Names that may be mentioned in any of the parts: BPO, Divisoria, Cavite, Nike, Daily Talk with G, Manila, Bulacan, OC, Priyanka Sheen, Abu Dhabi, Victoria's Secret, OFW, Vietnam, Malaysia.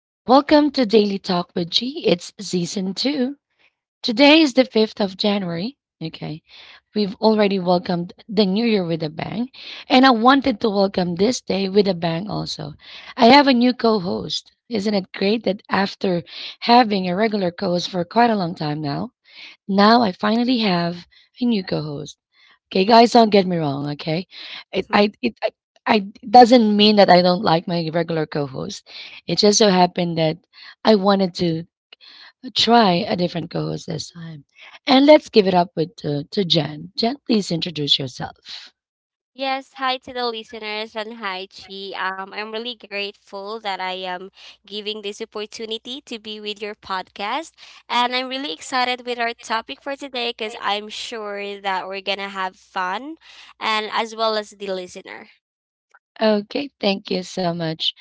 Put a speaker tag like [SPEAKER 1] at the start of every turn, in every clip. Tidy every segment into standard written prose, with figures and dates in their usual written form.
[SPEAKER 1] and welcome to Daily Talk with G. It's season two. Today is the 5th of January. Okay, we've already welcomed the new year with a bang, and I wanted to welcome this day with a bang also. I have a new co host. Isn't it great that after having a regular co host for quite a long time now, I finally have a new co host? Okay, guys, don't get me wrong. Okay, it I
[SPEAKER 2] Mhm.
[SPEAKER 1] it I, I it doesn't mean that I don't like my regular co-host. It just so happened that I wanted to try a different co-host this time, and let's give it up with to Jen. Jen, please introduce yourself.
[SPEAKER 2] Yes, hi to the listeners and hi Chi. I'm really grateful that I am giving this opportunity to be with your podcast, and I'm really excited with our topic for today because I'm sure that we're gonna have fun, and as well as the listener.
[SPEAKER 1] Okay, thank you so much.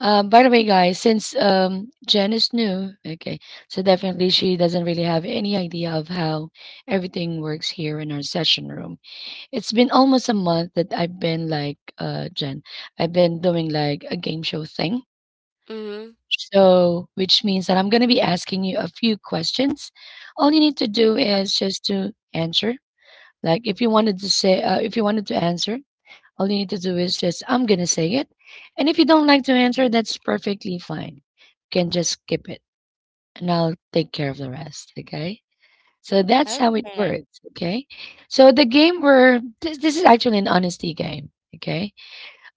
[SPEAKER 1] By the way, guys, since Jen is new, okay, so definitely she doesn't really have any idea of how everything works here in our session room. It's been almost a month that I've been like, Jen, I've been doing like a game show thing.
[SPEAKER 2] Mm-hmm.
[SPEAKER 1] So, which means that I'm going to be asking you a few questions. All you need to do is just to answer. Like, if you wanted to say, if you wanted to answer, all you need to do is just, I'm going to say it. And if you don't like to answer, that's perfectly fine. You can just skip it and I'll take care of the rest. Okay. So that's how it
[SPEAKER 2] Okay.
[SPEAKER 1] works. Okay. So the game where this is actually an honesty game. Okay.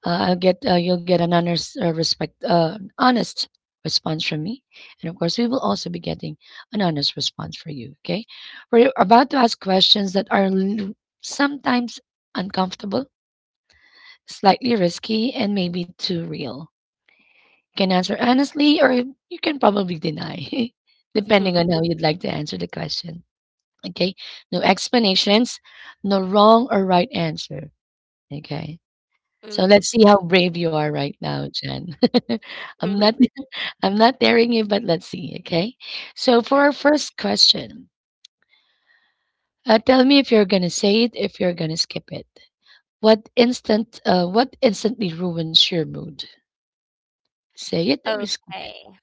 [SPEAKER 1] I'll get You'll get an honest response from me, and of course we will also be getting an honest response for you. Okay, we're about to ask questions that are sometimes uncomfortable, slightly risky, and maybe too real. You can answer honestly, or you can probably deny, depending on how you'd like to answer the question. Okay, no explanations, no wrong or right answer. Okay. So
[SPEAKER 2] Mhm.
[SPEAKER 1] let's see how brave you are right now, Jen. I'm not I'm not daring you, but let's see, okay? So for our first question, tell me if you're gonna say it, if you're gonna skip it. What instantly ruins your mood? Say it or skip it.
[SPEAKER 2] Okay,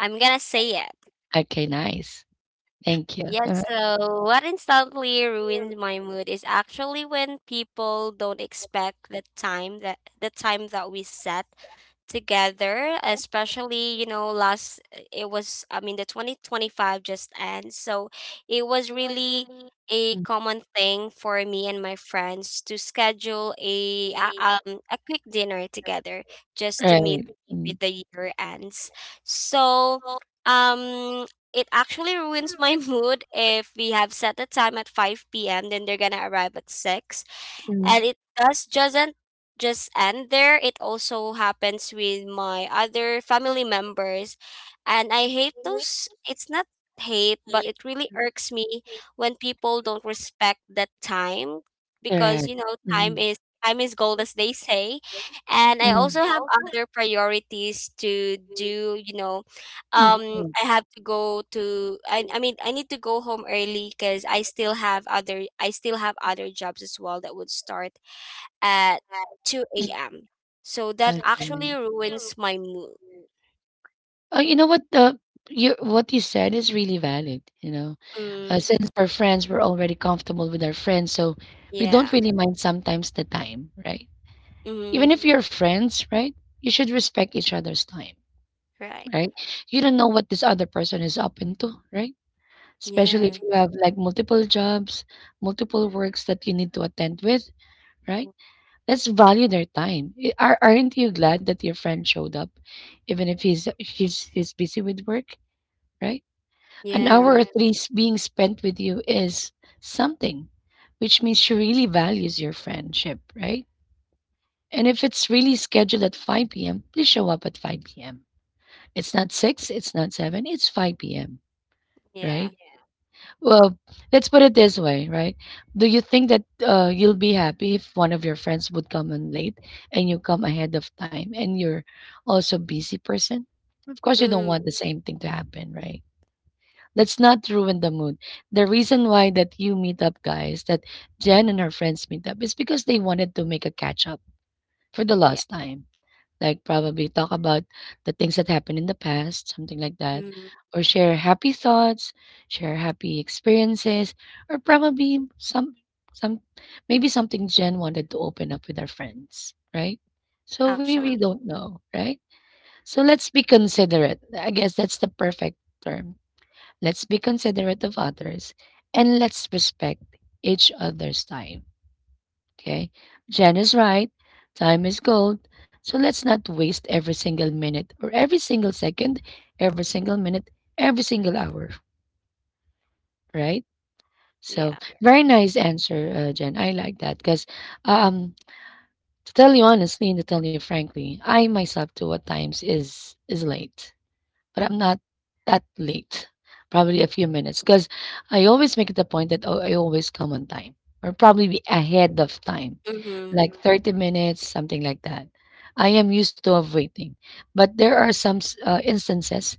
[SPEAKER 2] I'm gonna say it.
[SPEAKER 1] Okay, nice. Thank you.
[SPEAKER 2] Yes, so what instantly ruins my mood is actually when people don't expect the time that we set together, especially last it was, I mean, the 2025 just ends. So it was really a common thing for me and my friends to schedule a quick dinner together just to meet
[SPEAKER 1] Right. Mm,
[SPEAKER 2] with the year ends. So um it actually ruins my mood if we have set the time at 5 p.m then they're gonna arrive at 6, and it does just end there. It also happens with my other family members. And I hate those. It's not hate, but it really irks me when people don't respect that time because,
[SPEAKER 1] correct.
[SPEAKER 2] time
[SPEAKER 1] Mm,
[SPEAKER 2] is. Time is gold, as they say. And I also have other priorities to do. I have to go to, I mean, I need to go home early because I still have other jobs as well that would start at 2
[SPEAKER 1] mm,
[SPEAKER 2] a.m. So that actually
[SPEAKER 1] okay.
[SPEAKER 2] ruins my mood.
[SPEAKER 1] Oh, you know what? You What you said is really valid. You know,
[SPEAKER 2] Mm,
[SPEAKER 1] since our friends, we're already comfortable with our friends, so we don't
[SPEAKER 2] yeah.
[SPEAKER 1] really mind sometimes the time, right? Even
[SPEAKER 2] Mm,
[SPEAKER 1] if you're friends, right? You should respect each other's time,
[SPEAKER 2] right.
[SPEAKER 1] right? You don't know what this other person is up into, right? Especially
[SPEAKER 2] Yeah.
[SPEAKER 1] if you have like multiple jobs, multiple works that you need to attend with, right?
[SPEAKER 2] Mm,
[SPEAKER 1] Let's value their time. Aren't you glad that your friend showed up, even if he's busy with work, right? An hour
[SPEAKER 2] yeah.
[SPEAKER 1] at least being spent with you is something, which means she really values your friendship, right? And if it's really scheduled at 5 p.m., please show up at 5 p.m. It's not 6, it's not 7, it's 5 p.m.,
[SPEAKER 2] Yeah.
[SPEAKER 1] right? Well, let's put it this way, right? Do you think that you'll be happy if one of your friends would come in late and you come ahead of time and you're also busy person? Of course, you don't
[SPEAKER 2] Mm,
[SPEAKER 1] want the same thing to happen, right? Let's not ruin the mood. The reason why that you meet up, guys, that Jen and her friends meet up is because they wanted to make a catch up for the
[SPEAKER 2] yeah.
[SPEAKER 1] lost time. Like probably talk about the things that happened in the past, something like that,
[SPEAKER 2] Mm,
[SPEAKER 1] or share happy thoughts, share happy experiences, or probably some maybe something Jen wanted to open up with her friends, right? So we really
[SPEAKER 2] actually,
[SPEAKER 1] don't know, right? So let's be considerate. I guess that's the perfect term. Let's be considerate of others and let's respect each other's time. Okay? Jen is right. Time is gold. So let's not waste every single minute or every single second, every single minute, every single hour, right? So
[SPEAKER 2] yeah.
[SPEAKER 1] very nice answer, Jen. I like that because, um, to tell you honestly and to tell you frankly, I myself too at times is late. But I'm not that late. Probably a few minutes because I always make it a point that oh, I always come on time or probably be ahead of time,
[SPEAKER 2] Mm-hmm.
[SPEAKER 1] like 30 minutes, something like that. I am used to of waiting, but there are some instances,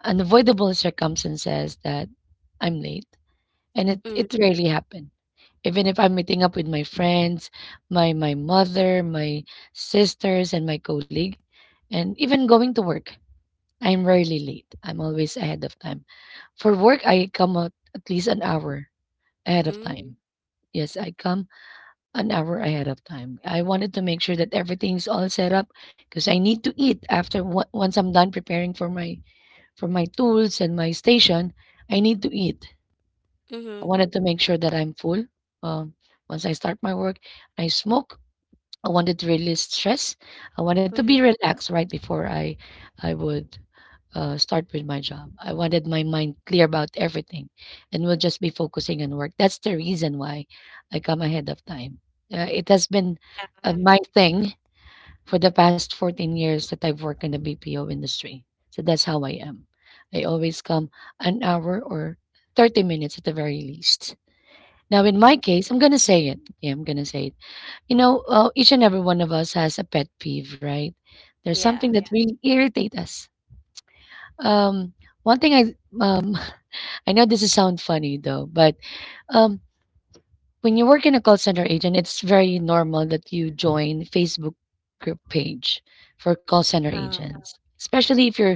[SPEAKER 1] unavoidable circumstances that I'm late, and it
[SPEAKER 2] Mm,
[SPEAKER 1] it rarely happen. Even if I'm meeting up with my friends, my mother, my sisters, and my colleague, and even going to work. I'm rarely late. I'm always ahead of time. For work, I come out at least an hour ahead of
[SPEAKER 2] mm,
[SPEAKER 1] time. Yes, I come an hour ahead of time. I wanted to make sure that everything's all set up because I need to eat once I'm done preparing for my tools and my station. I need to eat.
[SPEAKER 2] mm-hmm.
[SPEAKER 1] I wanted to make sure that I'm full. Um, Once I start my work, I smoke. I wanted to release stress. I wanted to
[SPEAKER 2] Mm,
[SPEAKER 1] be relaxed right before I would start with my job. I wanted my mind clear about everything and will just be focusing on work. That's the reason why I come ahead of time. Uh, it has been
[SPEAKER 2] yeah.
[SPEAKER 1] uh, my thing for the past 14 years that I've worked in the BPO industry. So that's how I am. I always come an hour or 30 minutes at the very least. Now, in my
[SPEAKER 2] Mm,
[SPEAKER 1] case, I'm going to say it. Yeah, I'm going to say it. You know, each and every one of us has a pet peeve, right? There's something
[SPEAKER 2] yeah.
[SPEAKER 1] that really irritates us. Um, one thing I I know this is sound funny though, but um when you work in a call center agent, it's very normal that you join Facebook group page for call center
[SPEAKER 2] Uh,
[SPEAKER 1] agents, especially if you're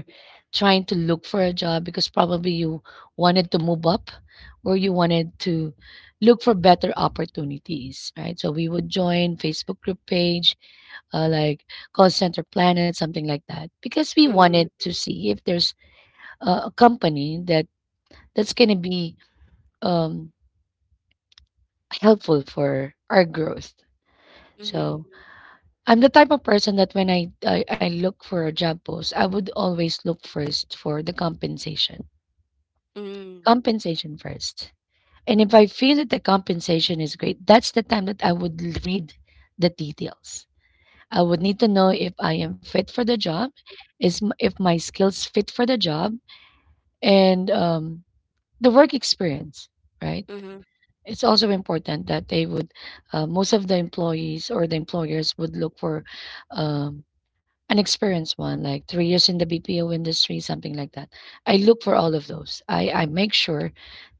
[SPEAKER 1] trying to look for a job because probably you wanted to move up or you wanted to look for better opportunities, right? So we would join Facebook group page, like call center planet, something like that, because we wanted
[SPEAKER 2] mm,
[SPEAKER 1] to see if there's a company that that's gonna be um, helpful for our growth.
[SPEAKER 2] mm-hmm.
[SPEAKER 1] So I'm the type of person that when I look for a job post, I would always look first for the compensation.
[SPEAKER 2] Mm,
[SPEAKER 1] Compensation first. And if I feel that the compensation is great, that's the time that I would read the details. I would need to know if I am fit for the job, if my skills fit for the job, and the work experience, right?
[SPEAKER 2] mm-hmm.
[SPEAKER 1] It's also important that they would most of the employees or the employers would look for um, an experienced one like 3 years in the BPO industry, something like that. I look for all of those. I make sure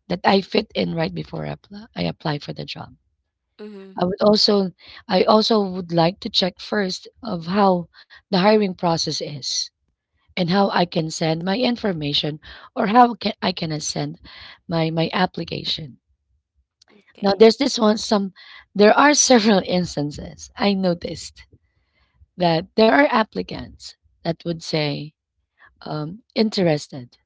[SPEAKER 1] that I fit in right before I apply for the job.
[SPEAKER 2] Mm-hmm.
[SPEAKER 1] I would also I also would like to check first of how the hiring process is and how I can send my information or I can send my application. Now
[SPEAKER 2] Okay.
[SPEAKER 1] there's this one some there are several instances I noticed that there are applicants that would say interested,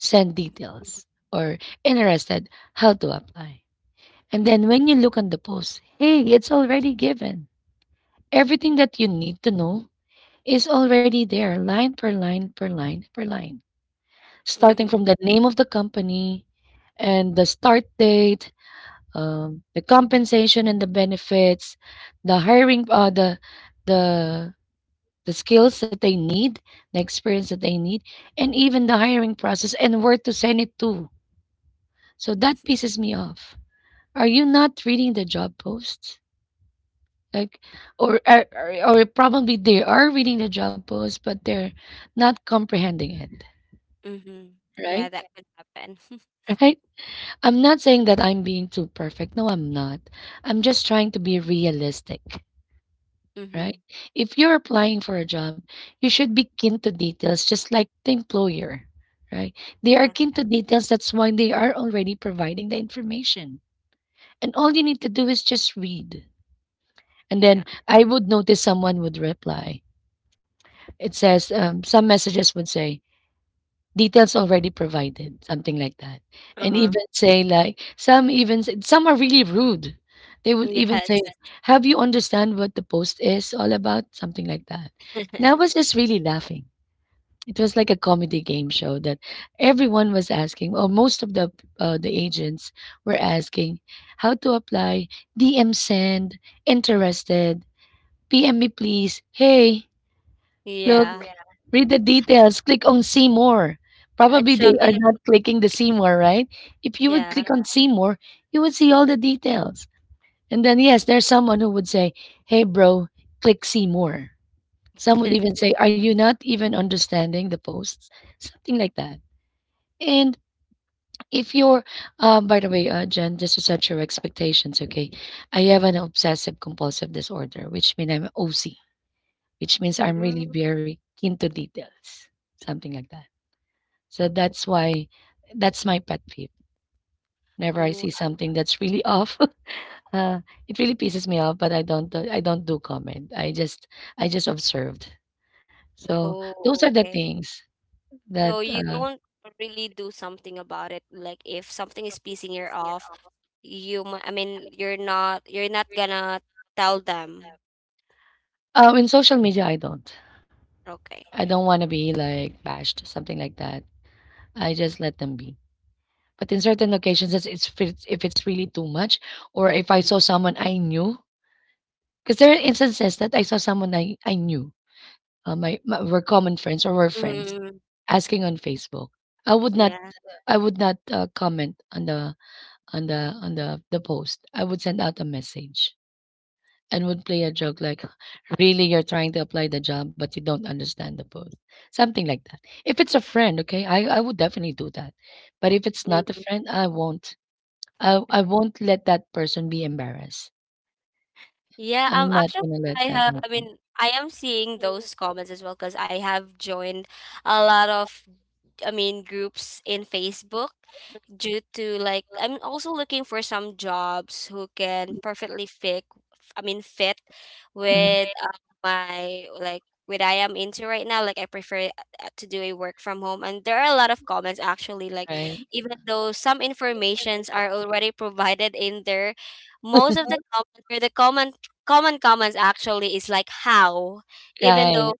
[SPEAKER 1] send
[SPEAKER 2] Mm-hmm.
[SPEAKER 1] details, or interested how to apply. And then when you look on the post, hey, it's already given. Everything that you need to know is already there, line per line per line per line. Starting
[SPEAKER 2] Mm-hmm.
[SPEAKER 1] from the name of the company and the start date, the compensation and the benefits, the hiring, uh, the the the skills that they need, the experience that they need, and even the hiring process and where to send it to. So that pisses me off. Are you not reading the job posts? Like, or probably they are reading the job posts, but they're not comprehending it,
[SPEAKER 2] Mm-hmm. Yeah,
[SPEAKER 1] right?
[SPEAKER 2] that could happen.
[SPEAKER 1] Right? I'm not saying that I'm being too perfect. No, I'm not. I'm just trying to be realistic.
[SPEAKER 2] Mm-hmm.
[SPEAKER 1] Right? If you're applying for a job, you should be keen to details, just like the employer, right? They are
[SPEAKER 2] Yeah.
[SPEAKER 1] keen to details. That's why they are already providing the information. And all you need to do is just read. And then
[SPEAKER 2] Yeah.
[SPEAKER 1] I would notice someone would reply. It says, some messages would say, details already provided, something like that. And
[SPEAKER 2] Uh-huh.
[SPEAKER 1] even say like some even said some are really rude. They would even say,
[SPEAKER 2] Yes.
[SPEAKER 1] like, "Have you understand what the post is all about?" Something like that. And I was just really laughing. It was like a comedy game show that everyone was asking, or most of the agents were asking, how to apply, DM send, interested, PM me please, hey, look,
[SPEAKER 2] Yeah,
[SPEAKER 1] read the details. Click on see more.
[SPEAKER 2] at
[SPEAKER 1] Probably they are
[SPEAKER 2] chocolate,
[SPEAKER 1] not clicking the see more, right? If you would
[SPEAKER 2] yeah.
[SPEAKER 1] click on see more, you would see all the details. And then, yes, there's someone who would say, hey, bro, click see more. Some would even say, are you not even understanding the posts? Something like that. And if you're, by the way, Jen, just to set your expectations, okay? I have an obsessive compulsive disorder, which means I'm OC, which means I'm really
[SPEAKER 2] Mm,
[SPEAKER 1] very keen to details, something like that. So that's why that's my pet peeve. Whenever I
[SPEAKER 2] oh,
[SPEAKER 1] see something that's really off, uh, it really pisses me off. But I don't do comment. I just observed. So those
[SPEAKER 2] oh,
[SPEAKER 1] are the
[SPEAKER 2] okay.
[SPEAKER 1] things
[SPEAKER 2] So
[SPEAKER 1] that
[SPEAKER 2] you don't really do something about it. Like, if something is pissing you off, I mean, you're not gonna tell them.
[SPEAKER 1] in social media I don't.
[SPEAKER 2] Okay.
[SPEAKER 1] I don't want to be like bashed, something like that. I just let them be. But in certain occasions, if it's really too much, or if I saw someone I knew. Because there are instances that I saw someone I knew, my were common friends or were friends
[SPEAKER 2] Mm,
[SPEAKER 1] asking on Facebook. I would not
[SPEAKER 2] yeah.
[SPEAKER 1] I would not comment on the post. I would send out a message and would play a joke like, "Really, you're trying to apply the job, but you don't understand the post." Something like that. If it's a friend, okay, I would definitely do that. But if it's not a
[SPEAKER 2] Mm.
[SPEAKER 1] friend, I won't. I won't let that person be embarrassed.
[SPEAKER 2] Yeah,
[SPEAKER 1] I'm not
[SPEAKER 2] actually
[SPEAKER 1] gonna
[SPEAKER 2] I
[SPEAKER 1] let that
[SPEAKER 2] have, I
[SPEAKER 1] happen.
[SPEAKER 2] mean, I am seeing those comments as well because I have joined a lot of, I mean, groups in Facebook due to, like, I'm also looking for some jobs who can perfectly fit, I mean, fit
[SPEAKER 1] Mhm.
[SPEAKER 2] with my, like, what I am into right now, like I prefer to do a work from home, and there are a lot of comments actually, like,
[SPEAKER 1] Right,
[SPEAKER 2] even though some informations are already provided in there, most of the comment, or the comment common comments actually is like, how, even
[SPEAKER 1] right.
[SPEAKER 2] though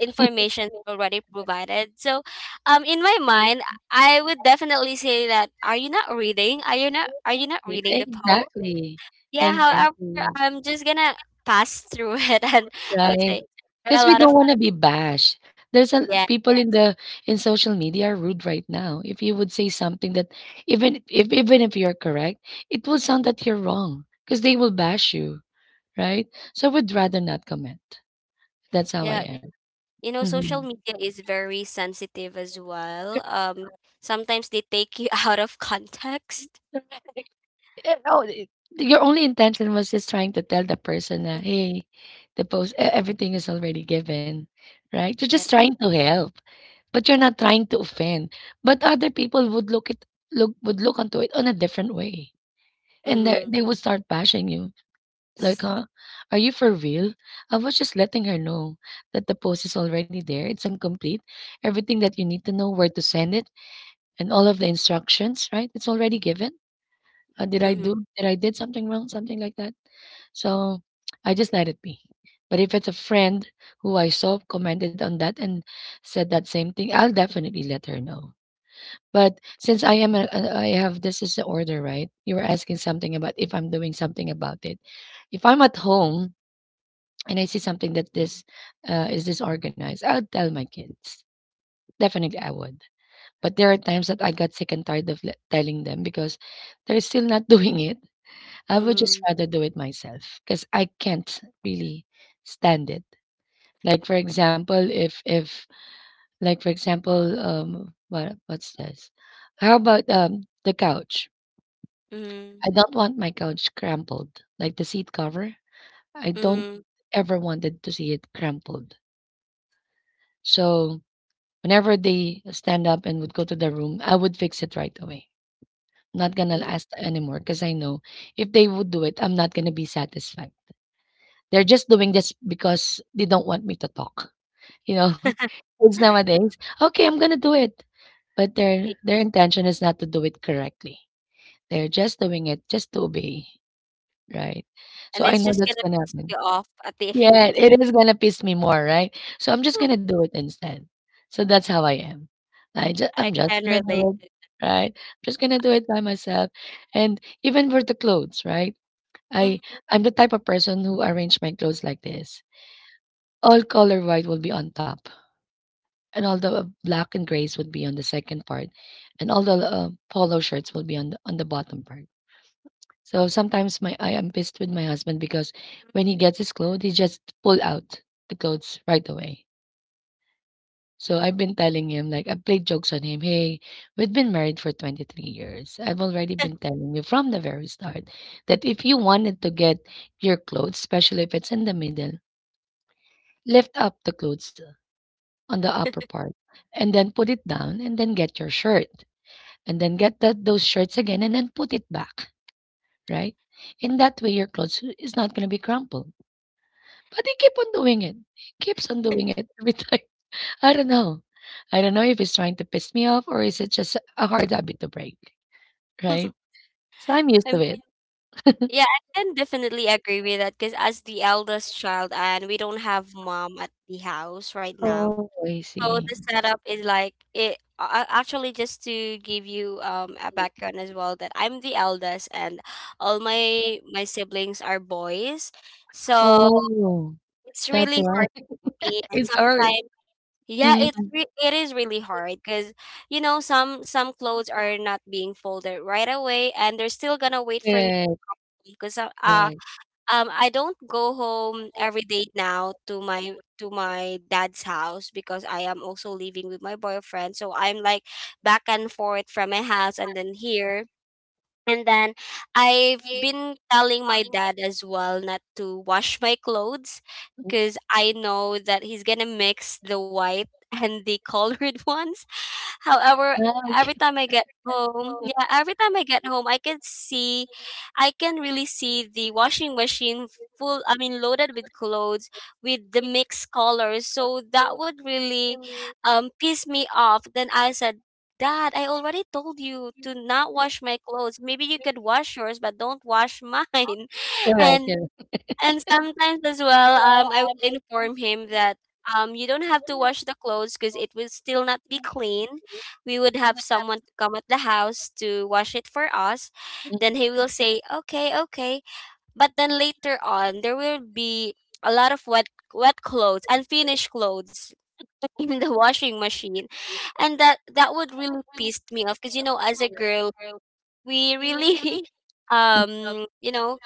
[SPEAKER 2] information already provided. So, in my mind, I would definitely say that, are you not reading? Are you not
[SPEAKER 1] It
[SPEAKER 2] reading the poem?
[SPEAKER 1] exactly,
[SPEAKER 2] Yeah. However,
[SPEAKER 1] exactly.
[SPEAKER 2] I'm just gonna pass through it, and I would
[SPEAKER 1] Right.
[SPEAKER 2] say there are
[SPEAKER 1] Because
[SPEAKER 2] a
[SPEAKER 1] we
[SPEAKER 2] lot of
[SPEAKER 1] don't wanna be bashed. There's a
[SPEAKER 2] yeah,
[SPEAKER 1] people in the in social media are rude right now. If you would say something that
[SPEAKER 2] yeah,
[SPEAKER 1] even if you're correct, it will sound that you're wrong. Wrong. Because they will bash you, right? So I would
[SPEAKER 2] yeah.
[SPEAKER 1] rather not comment. That's how I
[SPEAKER 2] Yeah,
[SPEAKER 1] am.
[SPEAKER 2] you know,
[SPEAKER 1] Mhm.
[SPEAKER 2] social media is very sensitive as well. Sometimes they take you out of context.
[SPEAKER 1] Yeah, no, it your only intention was just trying to tell the person that, "Hey, the post e everything is already given," right? You're
[SPEAKER 2] Yeah.
[SPEAKER 1] just trying to help. But you're not trying to offend. But other people would look it look would look onto it on a different way. And they
[SPEAKER 2] Mm-hmm.
[SPEAKER 1] they would start bashing you. Like, huh? Are you for real? I was just letting her know that the post is already there. It's incomplete. Everything that you need to know where to send it and all of the instructions, right? It's already given. Uh, did I
[SPEAKER 2] Mm-hmm.
[SPEAKER 1] do did I did something wrong? Something like that. So I just let it be. But if it's a friend who I saw commented on that and said that same thing, I'll definitely let her know. But since I am I have this is the order, right? You were asking something about if I'm doing something about it. If I'm at home and I see something that this is disorganized, I'll tell my kids. Definitely, I would. But there are times that I got sick and tired of le- telling them because they're still not doing it. I would just
[SPEAKER 2] Mm-hmm.
[SPEAKER 1] rather do it myself because I can't really stand it. Like for example, if like for example, what what's this? How about the couch?
[SPEAKER 2] Mm-hmm.
[SPEAKER 1] I don't want my couch crumpled, like the seat cover. I don't ever wanted to see it crumpled. So whenever they stand up and would go to the room, I would fix it right away. Not gonna
[SPEAKER 2] Mm-hmm.
[SPEAKER 1] ask anymore because I know if they would do it, I'm not gonna be satisfied. They're just doing this because they don't want me to talk. You know, kids nowadays, okay, I'm gonna do it, but their intention is not to do it correctly. They're just doing it just to obey, right? So
[SPEAKER 2] And
[SPEAKER 1] I
[SPEAKER 2] it's
[SPEAKER 1] know
[SPEAKER 2] just
[SPEAKER 1] that's
[SPEAKER 2] gonna
[SPEAKER 1] gonna
[SPEAKER 2] piss
[SPEAKER 1] happen.
[SPEAKER 2] you off at the end
[SPEAKER 1] Yeah,
[SPEAKER 2] of the
[SPEAKER 1] it is gonna piss me more, right? So I'm just gonna do it instead. So that's how I am. I just I'm
[SPEAKER 2] I
[SPEAKER 1] just
[SPEAKER 2] can
[SPEAKER 1] gonna
[SPEAKER 2] relate
[SPEAKER 1] do
[SPEAKER 2] it.
[SPEAKER 1] it, right? I'm just gonna do it by myself. And even for the clothes, right? I
[SPEAKER 2] Mm.
[SPEAKER 1] I'm the type of person who arrange my clothes like this. All color white will be on top, and all the black and grays would be on the second part, and all the polo shirts will be on the bottom part. So sometimes my I am pissed with my husband because when he gets his clothes, he just pull out the clothes right away. So I've been telling him, like, I played jokes on him. Hey, we've been married for 23 years. I've already been telling you from the very start that if you wanted to get your clothes, especially if it's in the middle, lift up the clothes on the upper part and then put it down and then get your shirt and then get that those shirts again and then put it back, right? In that way, your clothes is not going to be crumpled. But they keep on doing it. He keeps on doing it every time. I don't know. I don't know if he's trying to piss me off or is it just a hard habit to break, right? So I'm used
[SPEAKER 2] I mean,
[SPEAKER 1] to it.
[SPEAKER 2] yeah, I can definitely agree with that because as the eldest child, and we don't have mom at the house right now,
[SPEAKER 1] Oh, I
[SPEAKER 2] so
[SPEAKER 1] see.
[SPEAKER 2] the setup is like it. Actually, just to give you a background as well, that I'm the eldest, and all my siblings are boys, so
[SPEAKER 1] Oh,
[SPEAKER 2] it's
[SPEAKER 1] that's
[SPEAKER 2] really
[SPEAKER 1] why.
[SPEAKER 2] hard for me. And
[SPEAKER 1] It's hard.
[SPEAKER 2] sometimes yeah,
[SPEAKER 1] Mhm.
[SPEAKER 2] it's it is really hard because some clothes are not being folded right away, and they're still gonna wait for me
[SPEAKER 1] Correct,
[SPEAKER 2] because
[SPEAKER 1] correct.
[SPEAKER 2] I don't go home every day now to my dad's house because I am also living with my boyfriend, so I'm like back and forth from my house and then here and then I've been telling my dad as well not to wash my clothes
[SPEAKER 1] Mm.
[SPEAKER 2] because I know that he's gonna mix the white and the colored ones. However,
[SPEAKER 1] Ah,
[SPEAKER 2] every time
[SPEAKER 1] okay.
[SPEAKER 2] I get home, yeah, every time I get home, I can see, I can really see the washing machine full, I mean, loaded with clothes with the mixed colors. So that would really piss me off. Then I said, Dad, I already told you to not wash my clothes. Maybe you could wash yours, but don't wash mine.
[SPEAKER 1] Correct,
[SPEAKER 2] And
[SPEAKER 1] correct.
[SPEAKER 2] and sometimes as well, I will inform him that you don't have to wash the clothes because it will still not be clean. We would have someone to come at the house to wash it for us. Then
[SPEAKER 1] Mm,
[SPEAKER 2] he will say, "Okay, okay." But then later on, there will be a lot of wet clothes, unfinished clothes in the washing machine, and that would really pissed me off because as a girl we really
[SPEAKER 1] mm,
[SPEAKER 2] um you know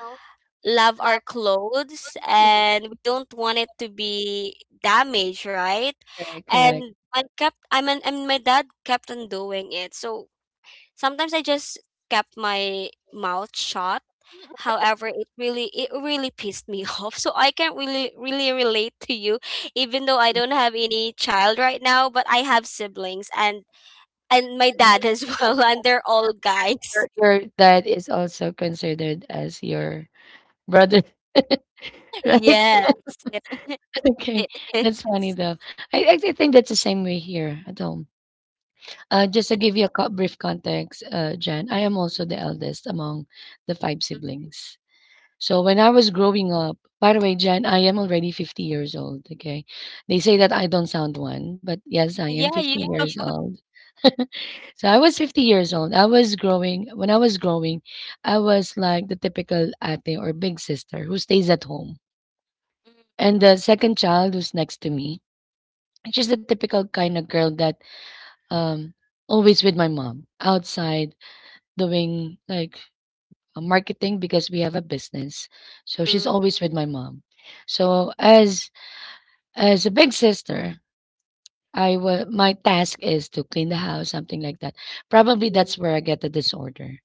[SPEAKER 2] love our clothes and we don't want it to be damaged, right,
[SPEAKER 1] correct, correct.
[SPEAKER 2] and I mean, and my dad kept on doing it. So sometimes I just kept my mouth shut. However, it really pissed me off. So I can really really relate to you, even though I don't have any child right now, but I have siblings and my dad as well, and they're all guys.
[SPEAKER 1] Your dad is also considered as your brother, right?
[SPEAKER 2] Yes.
[SPEAKER 1] Okay, that's
[SPEAKER 2] Yes.
[SPEAKER 1] funny though. I think that's the same way here at home. Just to give you a co- brief context, Jen, I am also the eldest among the five siblings. So when I was growing up, by the way, Jen, I am already 50 years old. Okay. They say that I don't sound one, but yes, I am
[SPEAKER 2] Yeah,
[SPEAKER 1] 50
[SPEAKER 2] you
[SPEAKER 1] years old. So I was 50 years old. I was growing, when I was growing, I was like the typical ate or big sister who stays at home. And the second child who's next to me, she's the typical kind of girl that um, always with my mom outside doing like marketing because we have a business. So she's
[SPEAKER 2] Mm,
[SPEAKER 1] always with my mom. So as a big sister, I wa my task is to clean the house, something like that. Probably
[SPEAKER 2] mm,
[SPEAKER 1] that's where I get the disorder.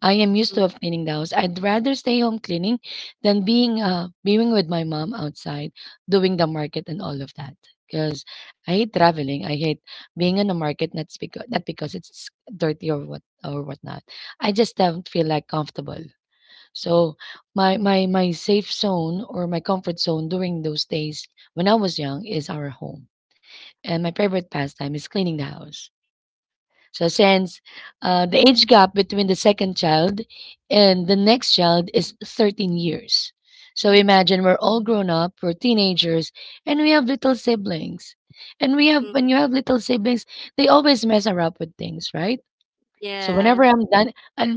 [SPEAKER 1] I am used to
[SPEAKER 2] mm,
[SPEAKER 1] of cleaning the house. I'd rather stay home cleaning than being being with my mom outside doing the market and all of that. Because I hate traveling. I hate being in the market. Not because it's dirty or what or whatnot. I just don't feel like comfortable. So my safe zone or my comfort zone during those days when I was young is our home. And my favorite pastime is cleaning the house. So since the age gap between the second child and the next child is 13 years. So imagine we're all grown up, we're teenagers, and we have little siblings. And we have when you
[SPEAKER 2] mm.
[SPEAKER 1] have little siblings, they always mess around with things, right? So whenever
[SPEAKER 2] Yeah,
[SPEAKER 1] I'm done,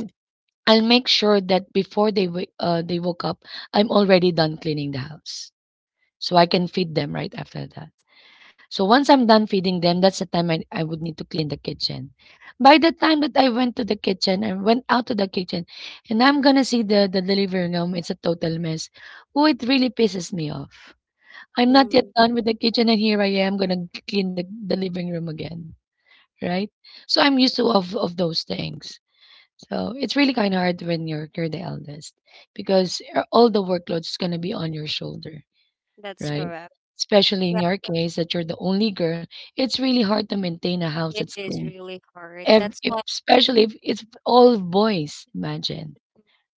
[SPEAKER 1] I'll make sure that before they wa- they woke up, I'm already done cleaning the house, so I can feed them right after that. So once I'm done feeding them, that's the time I would need to clean the kitchen. By the time that I went to the kitchen and went out to the kitchen and I'm gonna see the living room, it's a total mess. Oh, it really pisses me off. I'm not yet
[SPEAKER 2] mm,
[SPEAKER 1] done with the kitchen and here I am gonna clean the living room again. Right? So I'm used to of those things. So it's really kinda hard when you're the eldest because all the workload is gonna be on your shoulder,
[SPEAKER 2] that's
[SPEAKER 1] right?
[SPEAKER 2] correct.
[SPEAKER 1] Especially in your case that you're the only girl, it's really hard to maintain a house
[SPEAKER 2] Yeah,
[SPEAKER 1] that's
[SPEAKER 2] it is
[SPEAKER 1] clean.
[SPEAKER 2] really hard.
[SPEAKER 1] Ev-
[SPEAKER 2] That's
[SPEAKER 1] if,
[SPEAKER 2] why,
[SPEAKER 1] especially if it's all boys, imagine,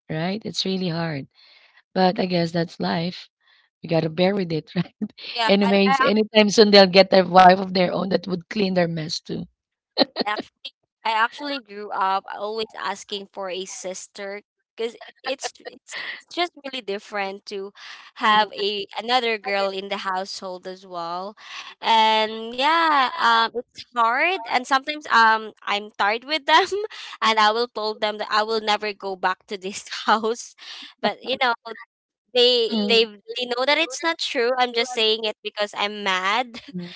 [SPEAKER 1] right? It's really hard. But I guess that's life. We gotta bear with it, right?
[SPEAKER 2] yeah,
[SPEAKER 1] Anyways, anytime soon they'll get a wife of their own that would clean their mess too.
[SPEAKER 2] I actually I actually grew up always asking for a sister because it's just really different to have a another girl in the household as well. And yeah, it's hard and sometimes I'm tired with them and I will told them that I will never go back to this house. But they they
[SPEAKER 1] Mm.
[SPEAKER 2] they know that it's not true. I'm just saying it because I'm mad.
[SPEAKER 1] Mm.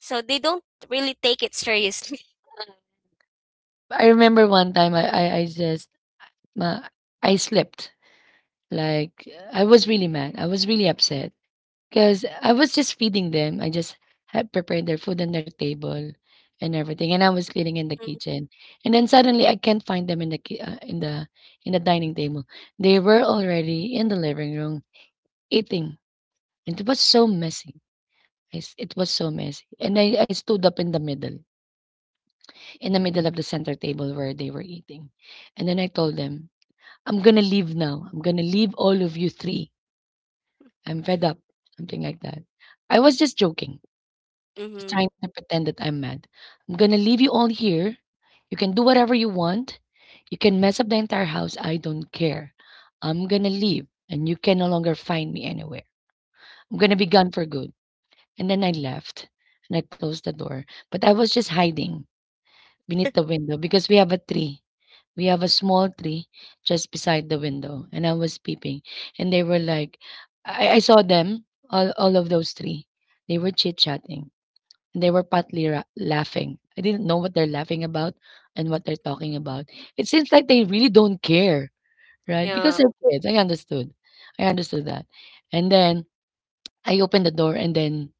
[SPEAKER 2] So they don't really take it seriously.
[SPEAKER 1] I remember one time I just uh, I slept like I was really mad. I was really upset. Because I was just feeding them. I just had prepared their food on their table and everything, and I was cleaning in the kitchen. And then suddenly, I can't find them in the in the in the dining table. They were already in the living room eating, and it was so messy. I s It was so messy, and I stood up in the middle of the center table where they were eating, and then I told them, "I'm gonna leave now. I'm gonna leave all of you three. I'm fed up." Something like that. I was just joking. Just
[SPEAKER 2] Mm-hmm.
[SPEAKER 1] trying to pretend that I'm mad. I'm gonna leave you all here. You can do whatever you want. You can mess up the entire house. I don't care. I'm gonna leave and you can no longer find me anywhere. I'm gonna be gone for good. And then I left and I closed the door. But I was just hiding beneath the window because we have a tree. We have a small tree just beside the window. And I was peeping. And they were like, I saw them, all of those three. They were chit chatting and they were partly laughing. I didn't know what they're laughing about and what they're talking about. It seems like they really don't care, right? Because
[SPEAKER 2] Yeah,
[SPEAKER 1] they're kids. I understood. I understood that. And then I opened the door and then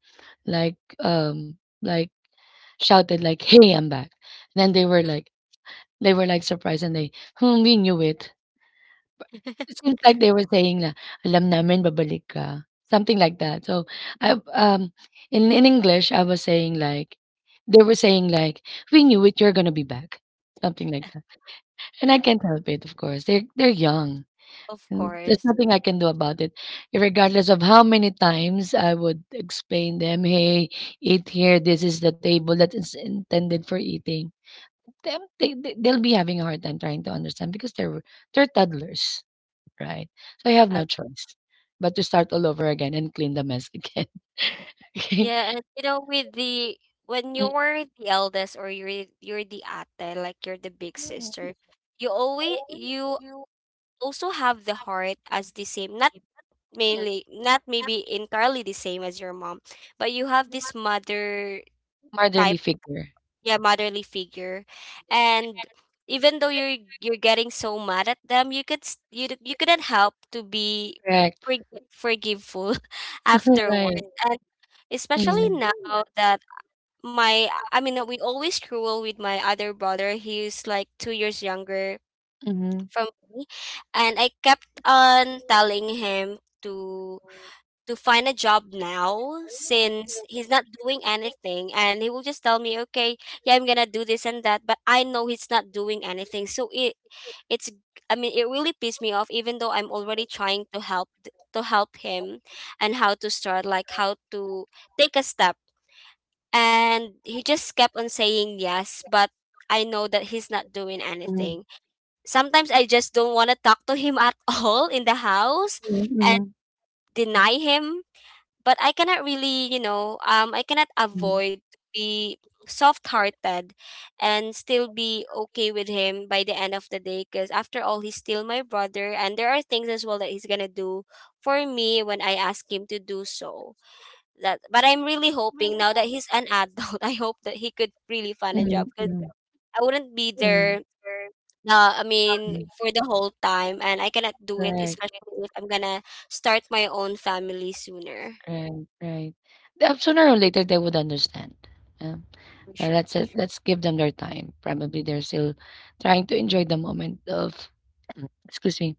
[SPEAKER 1] like shouted like, "Hey, I'm back." And then they were like surprised and they, "Hmm, we knew it." It seems like they were saying na, "Alam namin babalik ka," something like that. So, I in English, I was saying like they were saying like, "We knew it, you're gonna be back," something like that. And I can't help it, of course. They're young,
[SPEAKER 2] of
[SPEAKER 1] and there's
[SPEAKER 2] course.
[SPEAKER 1] nothing I can do about it, regardless of how many times I would explain them, "Hey, eat here. This is the table that is intended for eating." Them, they'll be having a hard time trying to understand because they're toddlers. Right. So I have no
[SPEAKER 2] Ag-
[SPEAKER 1] choice but to start all over again and clean the mess again. Okay.
[SPEAKER 2] yeah, and with the when
[SPEAKER 1] Mm,
[SPEAKER 2] you were the eldest or you're the ate, like you're the big
[SPEAKER 1] mm,
[SPEAKER 2] sister, you always you also have the heart as the same, not
[SPEAKER 1] mm.
[SPEAKER 2] mainly, not maybe entirely the same as your mom, but you have this mother
[SPEAKER 1] Motherly
[SPEAKER 2] type,
[SPEAKER 1] figure.
[SPEAKER 2] yeah, motherly figure, and even though you're getting so mad at them, you could you you couldn't help to be
[SPEAKER 1] Correct.
[SPEAKER 2] forg- forgiveful
[SPEAKER 1] Right.
[SPEAKER 2] afterwards, and especially
[SPEAKER 1] Mm.
[SPEAKER 2] now that my I mean, we always cruel with my other brother. He's like 2 years younger
[SPEAKER 1] Mhm,
[SPEAKER 2] from me, and I kept on telling him to find a job now since he's not doing anything, and he will just tell me, okay, yeah, I'm gonna do this and that, but I know he's not doing anything. So it's, I mean, it really pissed me off, even though I'm already trying to help to help him, and how to start, like how to take a step, and he just kept on saying yes, but I know that he's not doing
[SPEAKER 1] mhm,
[SPEAKER 2] anything. Sometimes I just don't want to talk to him at all in the house, and
[SPEAKER 1] mhm,
[SPEAKER 2] deny him, but I cannot really, I cannot
[SPEAKER 1] mhm,
[SPEAKER 2] avoid to be soft-hearted and still be okay with him by the end of the day because after all he's still my brother, and there are things as well that he's gonna do for me when I ask him to do so. That, but I'm really hoping now that he's an adult, I hope that he could really find a
[SPEAKER 1] mhm,
[SPEAKER 2] job because
[SPEAKER 1] mhm,
[SPEAKER 2] I wouldn't be
[SPEAKER 1] mhm,
[SPEAKER 2] there, I mean,
[SPEAKER 1] mhm.
[SPEAKER 2] for the whole time, and I cannot do it,
[SPEAKER 1] Correct.
[SPEAKER 2] especially if I'm gonna start my own family sooner,
[SPEAKER 1] Right, right. Sooner or later, they would understand. Yeah.
[SPEAKER 2] for sure.
[SPEAKER 1] Let's let's give them their time. Probably they're still trying to enjoy the moment of, excuse me,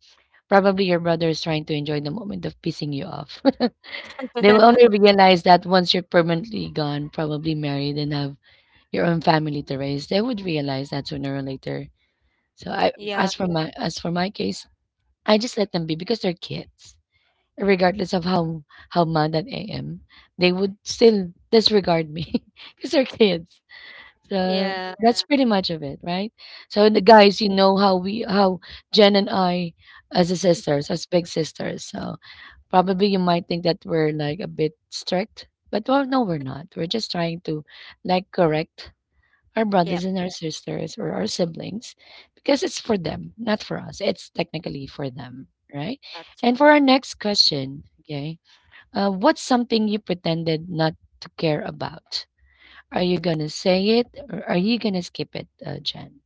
[SPEAKER 1] probably your brother is trying to enjoy the moment of pissing you off. They will only realize that once you're permanently gone, probably married and have your own family to raise, they would realize that sooner or later. So I
[SPEAKER 2] Yeah,
[SPEAKER 1] as for my case, I just let them be because they're kids. Regardless of how mad that I am, they would still disregard me because they're kids. So
[SPEAKER 2] yeah,
[SPEAKER 1] that's, yeah, pretty much of it, right? So the guys, you know how we how Jen and I as a sisters, as big sisters. So probably you might think that we're like a bit strict, but well, no, we're not. We're just trying to like correct our
[SPEAKER 2] yep.
[SPEAKER 1] brothers and our sisters or our siblings because it's for them, not for us. It's technically for them, right?
[SPEAKER 2] That's
[SPEAKER 1] And for our next question, okay, what's something you pretended not to care about? Are you gonna say it or are you gonna skip it, Jen?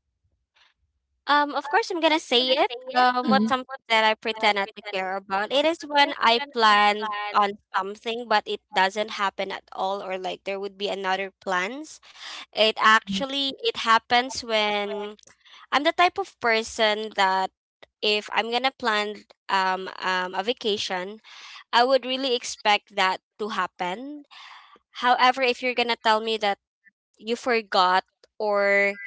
[SPEAKER 2] um. Of course, I'm gonna say it. What's
[SPEAKER 1] Mhm.
[SPEAKER 2] something that I pretend not to care about? It is when I plan on something, but it doesn't happen at all, or like there would be another plans. It happens when I'm the type of person that if I'm gonna plan a vacation, I would really expect that to happen. However, if you're gonna tell me that you forgot, or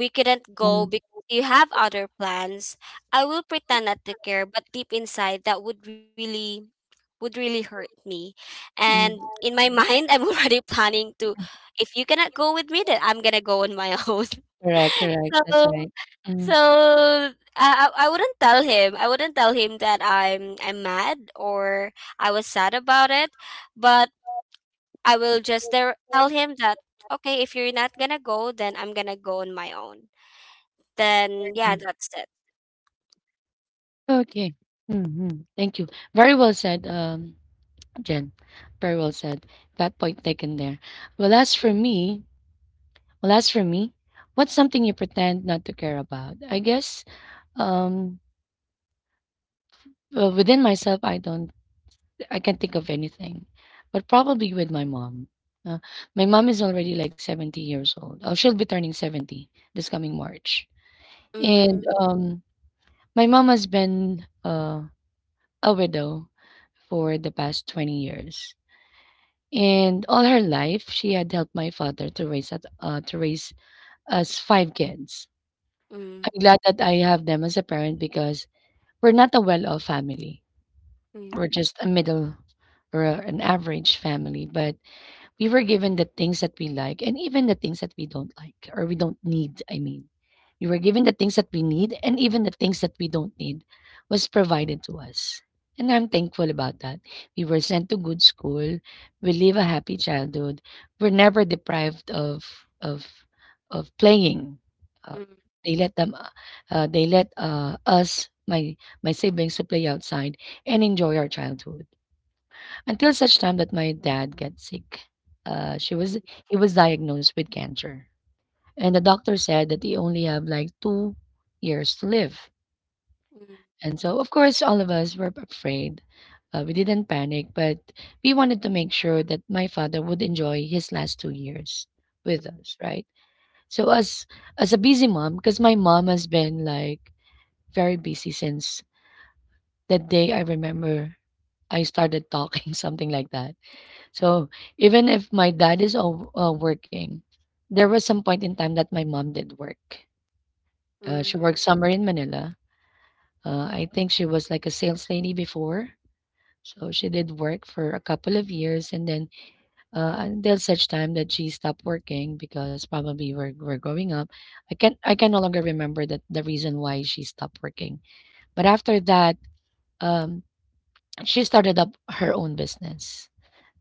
[SPEAKER 2] we couldn't go because you have other plans, I will pretend not to care, but deep inside that would really hurt me. And
[SPEAKER 1] Mm.
[SPEAKER 2] in my mind, I'm already planning to, if you cannot go with me, then I'm gonna go on my own.
[SPEAKER 1] Correct, correct.
[SPEAKER 2] So,
[SPEAKER 1] That's right. Mm,
[SPEAKER 2] so I wouldn't tell him. I wouldn't tell him that I'm mad or I was sad about it, but I will just there tell him that, okay, if you're not gonna go, then I'm gonna go on my own. Then yeah,
[SPEAKER 1] mm.
[SPEAKER 2] that's it.
[SPEAKER 1] Okay. Mm-hmm. Thank you. Very well said, Jen. Very well said. That point taken there. Well, as for me, well, as for me, what's something you pretend not to care about? I guess um, well, within myself, I can't think of anything, but probably with my mom. Uh, my mom is already like 70 years old. Oh, she'll be turning 70 this coming March. And
[SPEAKER 2] Mm,
[SPEAKER 1] my mom has been a widow for the past 20 years. And all her life, she had helped my father to raise us five kids.
[SPEAKER 2] mm,
[SPEAKER 1] I'm glad that I have them as a parent because we're not a well-off family. We're
[SPEAKER 2] mm,
[SPEAKER 1] just a middle or an average family. But we were given the things that we like and even the things that we don't like or we don't need, I mean, we were given the things that we need and even the things that we don't need was provided to us, and I'm thankful about that. We were sent to good school. We live a happy childhood. We're never deprived of of playing. uh,
[SPEAKER 2] mm,
[SPEAKER 1] they let them they let us my siblings to play outside and enjoy our childhood until such time that my dad got sick. She was He was diagnosed with cancer, and the doctor said that he only have like 2 years to live.
[SPEAKER 2] mm,
[SPEAKER 1] And so, of course, all of us were afraid. We didn't panic, but we wanted to make sure that my father would enjoy his last 2 years with
[SPEAKER 2] mm,
[SPEAKER 1] us, right? So, as a busy mom, because my mom has been like very busy since that day. I remember I started talking, something like that. So even if my dad is all, working, there was some point in time that my mom did work. She
[SPEAKER 2] mm,
[SPEAKER 1] worked somewhere in Manila. I think she was like a sales lady before. So she did work for a couple of years and then until such time that she stopped working because probably we're growing up. I can no longer remember that the reason why she stopped working. But after that, um, she started up her own business.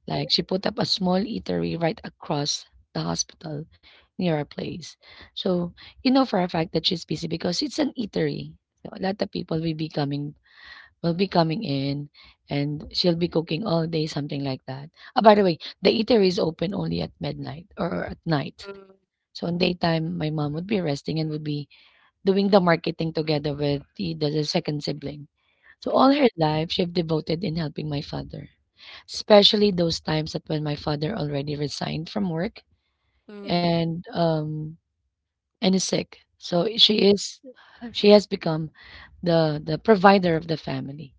[SPEAKER 1] Like she put up a small eatery right across the hospital near our place. So you know for a fact that she's busy because it's an eatery. So a lot of people will be coming in and she'll be cooking all day, something like that. Ah, by the way, the eatery is open only at midnight or at night.
[SPEAKER 2] mm,
[SPEAKER 1] So in daytime, my mom would be resting and would be doing the marketing together with the second sibling. So all her
[SPEAKER 2] mm,
[SPEAKER 1] life, she've devoted in helping my father. Especially those times that when my father already resigned from work
[SPEAKER 2] mm,
[SPEAKER 1] and um and is sick. So she has become the provider of the family.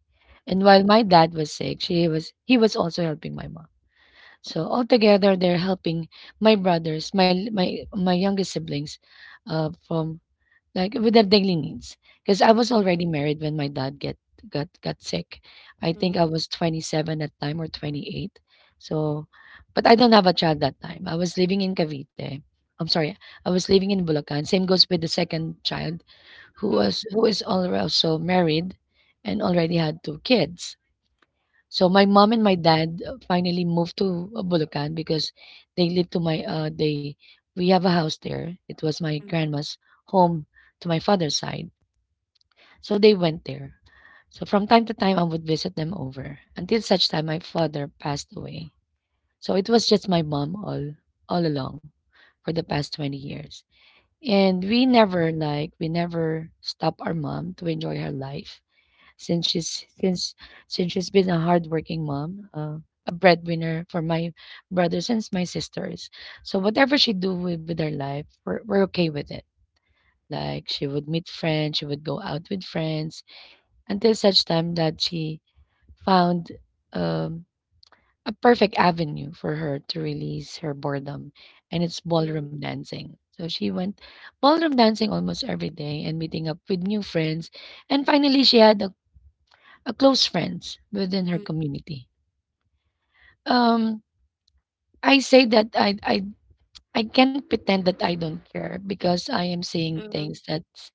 [SPEAKER 2] mm.
[SPEAKER 1] And while my dad was sick, she was he was also helping my mom. So altogether, they're helping my brothers, my youngest siblings, from like with their daily needs. Because I was
[SPEAKER 2] Mm,
[SPEAKER 1] already married when my dad get got sick. I think
[SPEAKER 2] mm,
[SPEAKER 1] I was 27 at time or 28. So, but I don't have a child that time. I'm sorry, I was living in Bulacan. Same goes with the second child,
[SPEAKER 2] mm,
[SPEAKER 1] who is also married, and already had two kids. So my mom and my dad finally moved to Bulacan because they lived to my they we have a house there. It was my grandma's home to my father's side. So they went there. So from time to time I would visit them over until such time my father passed away. So it was just my mom all along for the past 20 years. And we never stop our mom to enjoy her life since she's since, since she's been a hardworking mom, a breadwinner for my brothers and my sisters. So whatever she do with her life, we're okay with it. Like she would meet friends, she would go out with friends until such time that she found um, a perfect avenue for her to release her boredom, and it's
[SPEAKER 2] mm,
[SPEAKER 1] ballroom dancing. So she went ballroom dancing almost every day and meeting up with new friends. And finally, she had a close friends within her
[SPEAKER 2] mm,
[SPEAKER 1] community. Um, I say that I I I can't pretend that I don't care because I am saying
[SPEAKER 2] mm,
[SPEAKER 1] things that's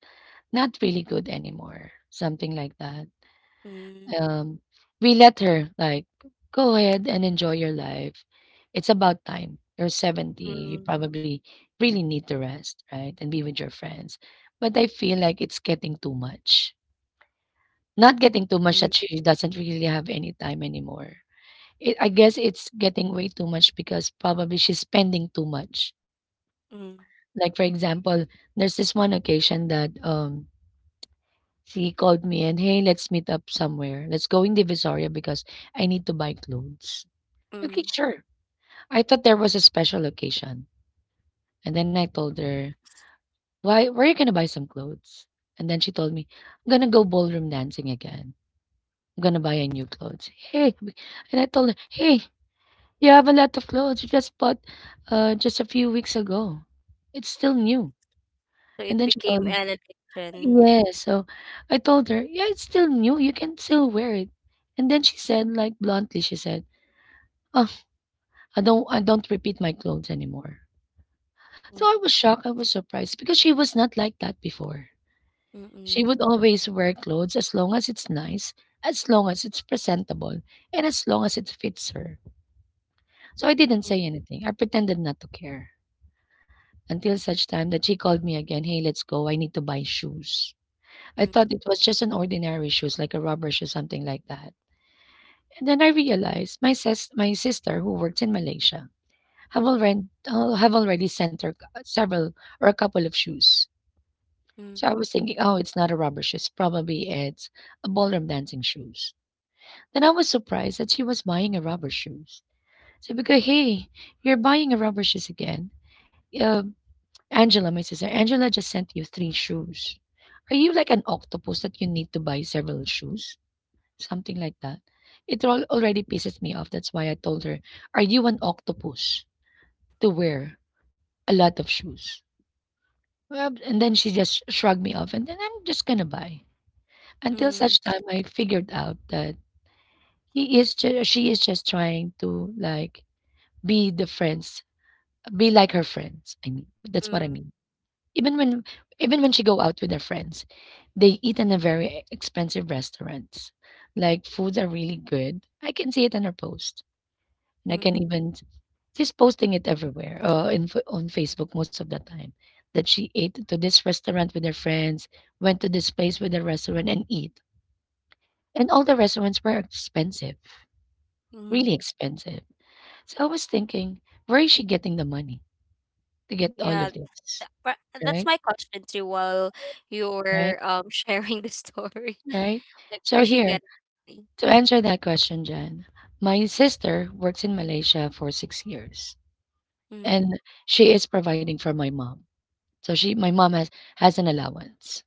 [SPEAKER 1] not really good anymore, something like that.
[SPEAKER 2] mm,
[SPEAKER 1] Um, we let her like go ahead and enjoy your life. It's about time. You're 70. You
[SPEAKER 2] mm,
[SPEAKER 1] probably really need to rest, right? And be with your friends. But I feel like it's getting too much. Not getting too much
[SPEAKER 2] mm,
[SPEAKER 1] that she doesn't really have any time anymore. It, I guess it's getting way too much because probably she's spending too much.
[SPEAKER 2] mm,
[SPEAKER 1] Like for example, there's this one occasion that she called me and hey, let's meet up somewhere. Let's go in Divisoria because I need to buy clothes. Okay,
[SPEAKER 2] mm.
[SPEAKER 1] sure. I thought there was a special occasion. And then I told her, why where are you gonna buy some clothes? And then she told me, I'm gonna go ballroom dancing again. I'm gonna buy a new clothes. Hey and I told her, hey, you have a lot of clothes you just bought, just a few weeks ago. "It's still new."
[SPEAKER 2] So
[SPEAKER 1] And
[SPEAKER 2] it
[SPEAKER 1] then she
[SPEAKER 2] became
[SPEAKER 1] told me,
[SPEAKER 2] an addiction.
[SPEAKER 1] "Yeah." So I told her, "Yeah, it's still new. You can still wear it." And then she said, like bluntly, she said, "Oh, I don't repeat my clothes anymore." So
[SPEAKER 2] Mm,
[SPEAKER 1] I was shocked. I was surprised because she was not like that before. She
[SPEAKER 2] mm,
[SPEAKER 1] would always wear clothes as long as it's nice, as long as it's presentable, and as long as it fits her. So I didn't
[SPEAKER 2] mm,
[SPEAKER 1] say anything. I pretended not to care, until such time that she called me again, "Hey, let's go. I need to buy shoes." I
[SPEAKER 2] mm,
[SPEAKER 1] thought it was just an ordinary shoes, like a rubber shoe, something like that. And then I realized my sister who works in Malaysia have already sent her several or a couple of shoes.
[SPEAKER 2] mm,
[SPEAKER 1] So I was thinking, oh, it's not a rubber shoes. Probably it's a ballroom dancing shoes. Then I was surprised that she was buying a rubber shoes. So because hey, you're buying a rubber shoes again. Uh, Angela, my sister, Angela just sent you three shoes. Are you like an octopus that you need to buy several shoes? Something like that. It all already pisses me off. That's why I told her, Are you an octopus to wear a lot of shoes? Well, and then she just shrugged me off, and then I'm just gonna buy. Until
[SPEAKER 2] mm,
[SPEAKER 1] such time I figured out that she is just trying to, like, be the friends, be like her friends. I mean, that's what I
[SPEAKER 2] mm,
[SPEAKER 1] mean. Even when even when she go out with her friends, they eat in a very expensive restaurants. Like foods are really good. I can see it in her post, and I can
[SPEAKER 2] mm,
[SPEAKER 1] even, she's posting it everywhere. On Facebook most of the time that she ate to this restaurant with her friends, went to this place with the restaurant and eat. And all the restaurants were expensive, really
[SPEAKER 2] mm.
[SPEAKER 1] expensive. So I was thinking, where is she getting the money to get all of
[SPEAKER 2] Yeah,
[SPEAKER 1] this?
[SPEAKER 2] that's
[SPEAKER 1] Right,
[SPEAKER 2] my question too while
[SPEAKER 1] right,
[SPEAKER 2] you're sharing the story.
[SPEAKER 1] right.
[SPEAKER 2] Like where
[SPEAKER 1] So
[SPEAKER 2] she
[SPEAKER 1] here,
[SPEAKER 2] get it?
[SPEAKER 1] to answer that question, Jen, my sister works in Malaysia for 6 years,
[SPEAKER 2] Mm,
[SPEAKER 1] and she is providing for my mom. So my mom has an allowance,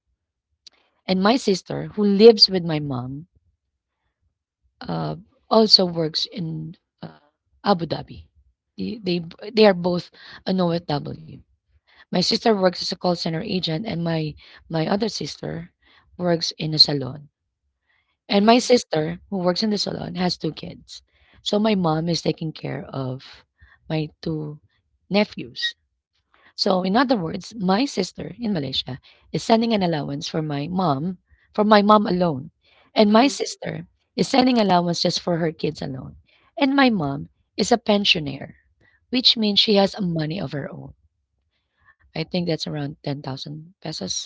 [SPEAKER 1] and my sister, who lives with my mom, uh, also works in Abu Dhabi. They, they they are both an OFW. My sister works as a call center agent, and my other sister works in a salon. And my
[SPEAKER 2] mm,
[SPEAKER 1] sister, who works in the salon, has two kids. So my mom is taking care of my two nephews. So in other words, my sister in Malaysia is sending an allowance for my mom alone. And my
[SPEAKER 2] mm,
[SPEAKER 1] sister is sending allowance just for her kids alone. And my mom is a pensioner, which means she has money of her own. I think that's around 10,000 pesos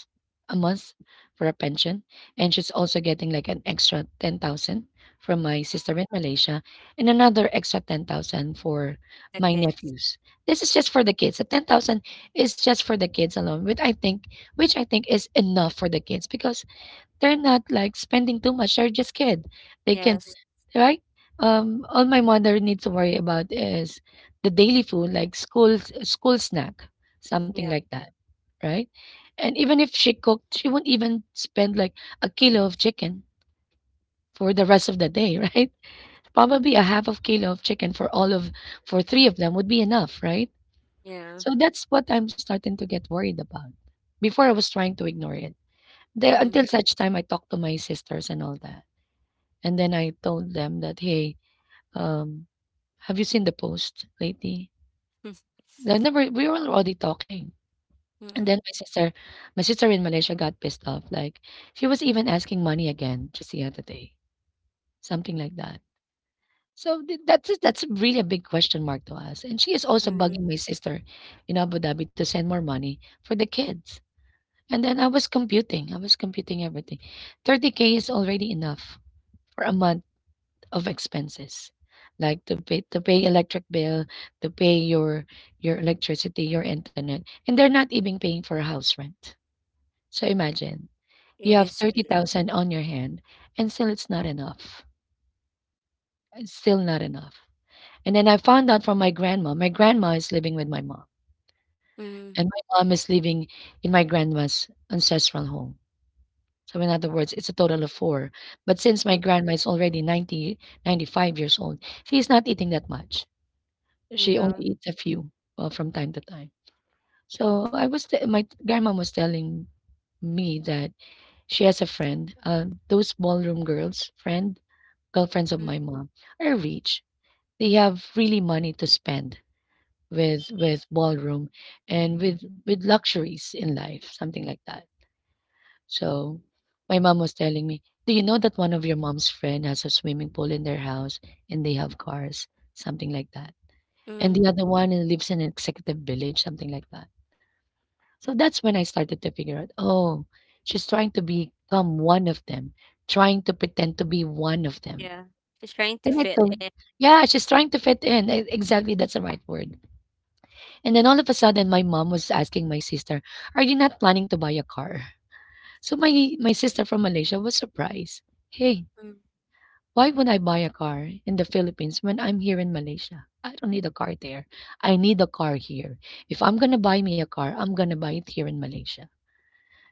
[SPEAKER 1] a
[SPEAKER 2] mm,
[SPEAKER 1] month for a pension, and she's also getting, like, an extra 10,000 from my
[SPEAKER 2] mm,
[SPEAKER 1] sister in Malaysia, and another extra 10,000 for
[SPEAKER 2] the
[SPEAKER 1] my
[SPEAKER 2] kids.
[SPEAKER 1] nephews. This is just for the kids. The 10,000 is just for the kids alone, which I think is enough for the kids because they're not, like, spending too much. They're just kid. They can,
[SPEAKER 2] Yes.
[SPEAKER 1] right? All my mother needs to worry about is the daily food, like school snack, something
[SPEAKER 2] Yep.
[SPEAKER 1] like that, right? And even if she cooked, she won't even spend like a kilo of chicken for the rest of the day, right? Probably a half of kilo of chicken for all of, for three of them would be enough, right?
[SPEAKER 2] Yeah.
[SPEAKER 1] So that's what I'm starting to get worried about. Before I was trying to ignore it, there until
[SPEAKER 2] Mm,
[SPEAKER 1] such time I talked to my sisters and all that. And then I told them that, hey, um, have you seen the post lately?
[SPEAKER 2] mm,
[SPEAKER 1] I never we were already talking, and then
[SPEAKER 2] mm,
[SPEAKER 1] my sister in Malaysia got pissed off, like, she was even asking money again just the other day, something like that. So th that's a that's really a big question mark to us, and she is also
[SPEAKER 2] mm.
[SPEAKER 1] bugging my sister in Abu Dhabi to send more money for the kids. And then I was computing everything. 30K is already enough for a month of expenses, like to pay electric bill, to pay your electricity, your internet, and they're not even paying for house rent. So imagine
[SPEAKER 2] It
[SPEAKER 1] you have
[SPEAKER 2] is really.
[SPEAKER 1] 30,000 on your hand and still it's not enough, it's still not enough. And then I found out from my grandma is living with my mom,
[SPEAKER 2] Mm,
[SPEAKER 1] and my mom is living in my grandma's ancestral home. So in other words, it's a total of four. But since my
[SPEAKER 2] mm,
[SPEAKER 1] grandma is already 95 years old, she's not eating that much. She only
[SPEAKER 2] yeah.
[SPEAKER 1] eats a few, well, from time to time. So I was t my grandma was telling me that she has a friend, those ballroom girls, friend, girlfriends of
[SPEAKER 2] Mm,
[SPEAKER 1] my mom, are rich. They have really money to spend with, ballroom, and with, luxuries in life, something like that. So my mom was telling me, "Do you know that one of your mom's friend has a swimming pool in their house and they have cars, something like that, and the
[SPEAKER 2] mm,
[SPEAKER 1] other one lives in an executive village, something like that." So that's when I started to figure out, oh, she's trying to become one of them, trying to pretend to be one of them.
[SPEAKER 2] yeah. She's trying to
[SPEAKER 1] Then I
[SPEAKER 2] fit
[SPEAKER 1] told,
[SPEAKER 2] in.
[SPEAKER 1] yeah, she's trying to fit in. Exactly, that's the right word. And then all of a sudden, my mom was asking my sister, "Are you not planning to buy a car?" So my sister from Malaysia was surprised. Hey,
[SPEAKER 2] Mm,
[SPEAKER 1] why would I buy a car in the Philippines when I'm here in Malaysia? I don't need a car there. I need a car here. If I'm gonna buy me a car, I'm gonna buy it here in Malaysia.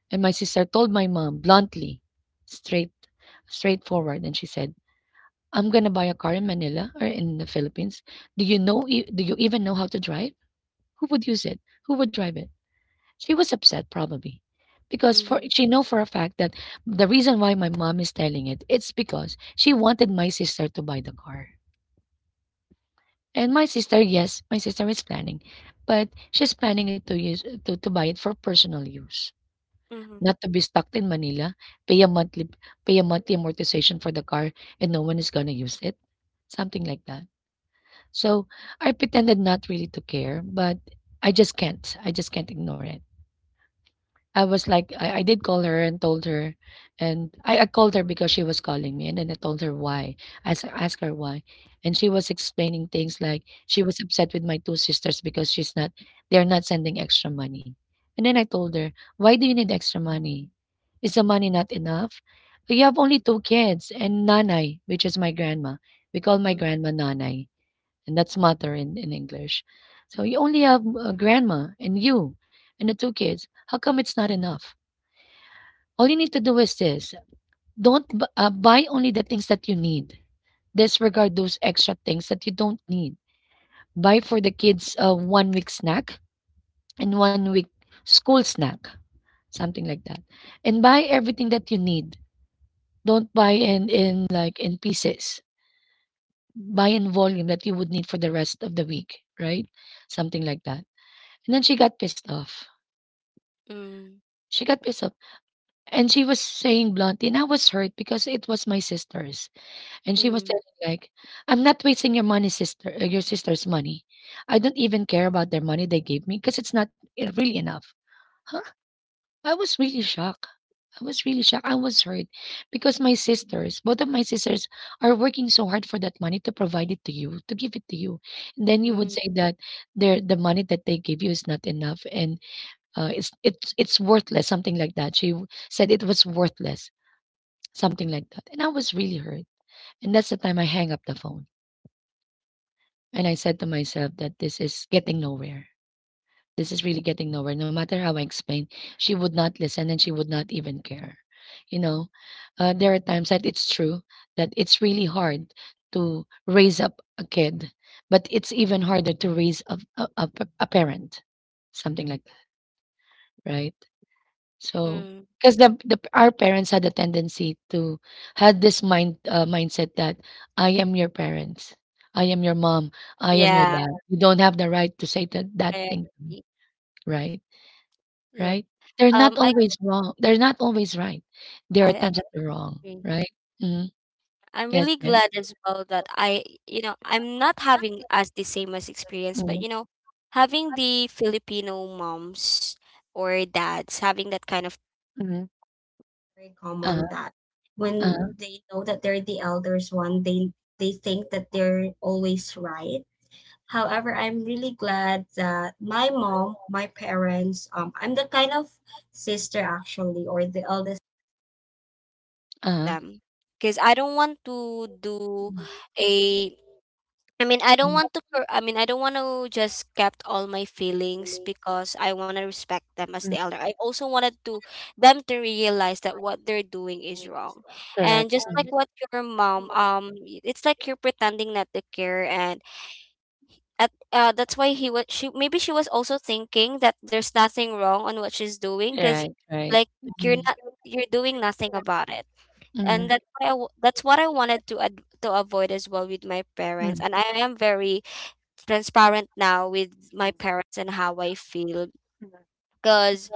[SPEAKER 1] And my sister told my mom bluntly, straight straightforward, and she said, "I'm gonna buy a car in Manila or in the Philippines. Do you know, do you even know how to drive? Who would use it? Who would drive it?" She was upset probably because for
[SPEAKER 2] mm,
[SPEAKER 1] she know for a fact that the reason why my mom is telling it it's because she wanted my sister to buy the car. And my sister, yes, my sister is planning, but she's planning it to buy it for personal use,
[SPEAKER 2] mm,
[SPEAKER 1] not to be stuck in Manila, pay a monthly pay a monthly amortization for the car and no one is gonna use it, something like that. So I pretended not really to care, but I just can't. I just can't ignore it. I was like, I did call her and told her, and I called her because she was calling me, and then I told her why. I asked her why, and she was explaining things like she was upset with my two sisters because she's not, they're not sending extra money. And then I told her, why do you need extra money? Is the money not enough? You have only two kids and nanay, which is my grandma. We call my
[SPEAKER 2] mm,
[SPEAKER 1] grandma nanay, and that's mother in English. So you only have, grandma and you and the two kids. How come it's not enough? All you need to do is this: don't b- buy only the things that you need. Disregard those extra things that you don't need. Buy for the kids a one week snack and one week school snack, something like that. And buy everything that you need. Don't buy in like in pieces. Buy in volume that you would need for the rest of the week, right? Something like that. And then she got pissed off.
[SPEAKER 2] mm,
[SPEAKER 1] She got pissed off. And she was saying bluntly, and I was hurt because it was my sister's. And she was
[SPEAKER 2] mm,
[SPEAKER 1] telling me, like, I'm not wasting your money, sister, your sister's money. I don't even care about their money they gave me because it's not, really enough. Huh? I was really shocked. I was really shocked. I was hurt because both of my sisters are working so hard for that money to provide it to give it to you. And then you would
[SPEAKER 2] mm,
[SPEAKER 1] say that the money that they give you is not enough, and it's worthless, something like that. She said it was worthless, something like that. And I was really hurt. And that's the time I hang up the phone, and I said to myself that this is getting nowhere. This is really getting nowhere. No matter how I explain, she would not listen and she would not even care. You know, there are times that it's true that it's really hard to raise up a kid, but it's even harder to raise a parent, something like that, right? So,
[SPEAKER 2] mm.
[SPEAKER 1] because the our parents had a tendency to had this mindset that I am your parents, I am your mom, I am your
[SPEAKER 2] Yeah,
[SPEAKER 1] dad. You don't have the right to say that
[SPEAKER 2] I
[SPEAKER 1] thing to me,
[SPEAKER 2] agree.
[SPEAKER 1] right?
[SPEAKER 2] Yep.
[SPEAKER 1] Right? They're not
[SPEAKER 2] Um, I
[SPEAKER 1] always wrong. They're not always right. There
[SPEAKER 2] I
[SPEAKER 1] are times that
[SPEAKER 2] agree.
[SPEAKER 1] they're wrong, right? Mm-hmm.
[SPEAKER 2] I'm
[SPEAKER 1] Yes,
[SPEAKER 2] really
[SPEAKER 1] Jen.
[SPEAKER 2] glad as well that I'm not having as the same as experience,
[SPEAKER 1] Mm-hmm.
[SPEAKER 2] but having the Filipino moms or dads having that kind of
[SPEAKER 1] Mm-hmm.
[SPEAKER 2] very
[SPEAKER 1] Uh-huh.
[SPEAKER 2] common that
[SPEAKER 1] Uh-huh.
[SPEAKER 2] when they know that they're the elders one, they think that they're always right. However, I'm really glad that my parents, I'm the kind of sister actually, or the eldest.
[SPEAKER 1] Uh-huh.
[SPEAKER 2] Them because I don't want to do
[SPEAKER 1] Mhm.
[SPEAKER 2] a I don't
[SPEAKER 1] Mhm.
[SPEAKER 2] want to I don't want to just kept all my feelings because I want to respect them as the elder. I also wanted to them to realize that what they're doing is wrong. And
[SPEAKER 1] Correct.
[SPEAKER 2] just like
[SPEAKER 1] Mhm.
[SPEAKER 2] what your mom it's like you're pretending not to care and at that's why he was she maybe she was also thinking that there's nothing wrong on what she's doing cuz
[SPEAKER 1] Right, right.
[SPEAKER 2] like you're
[SPEAKER 1] Mm-hmm.
[SPEAKER 2] not you're doing nothing about it. And
[SPEAKER 1] Mm-hmm.
[SPEAKER 2] that's why that's what I wanted to to avoid as well with my parents,
[SPEAKER 1] Mm.
[SPEAKER 2] and I am very transparent now with my parents and how I feel because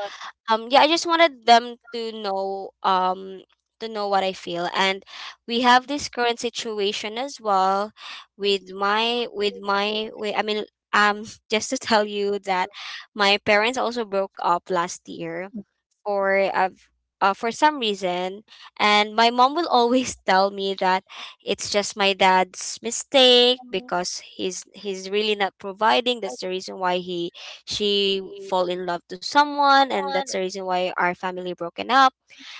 [SPEAKER 2] yeah I just wanted them to know what I feel. And we have this current situation as well with my I mean um just to tell you that my parents also broke up last year for uh, for some reason. And my mom will always tell me that it's just my dad's mistake because he's really not providing. That's the reason why he she fall in love to someone, and that's the reason why our family broken up.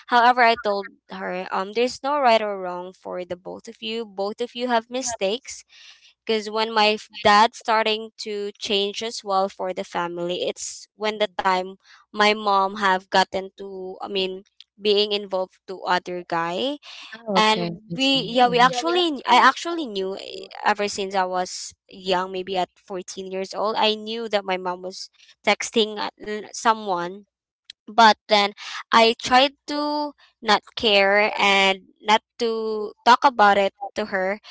[SPEAKER 2] However, I told her, um, there's no right or wrong for the both of you. Both of you have mistakes because when my dad starting to change as well for the family, it's when the time my mom have gotten to, I mean, being involved to other guy.
[SPEAKER 1] Oh, okay.
[SPEAKER 2] And
[SPEAKER 1] I
[SPEAKER 2] we
[SPEAKER 1] see.
[SPEAKER 2] yeah, we
[SPEAKER 1] Mm-hmm.
[SPEAKER 2] actually I actually knew, ever since I was young, maybe at 14 years old, I knew that my mom was texting someone. But then I tried to not care and not to talk about it to her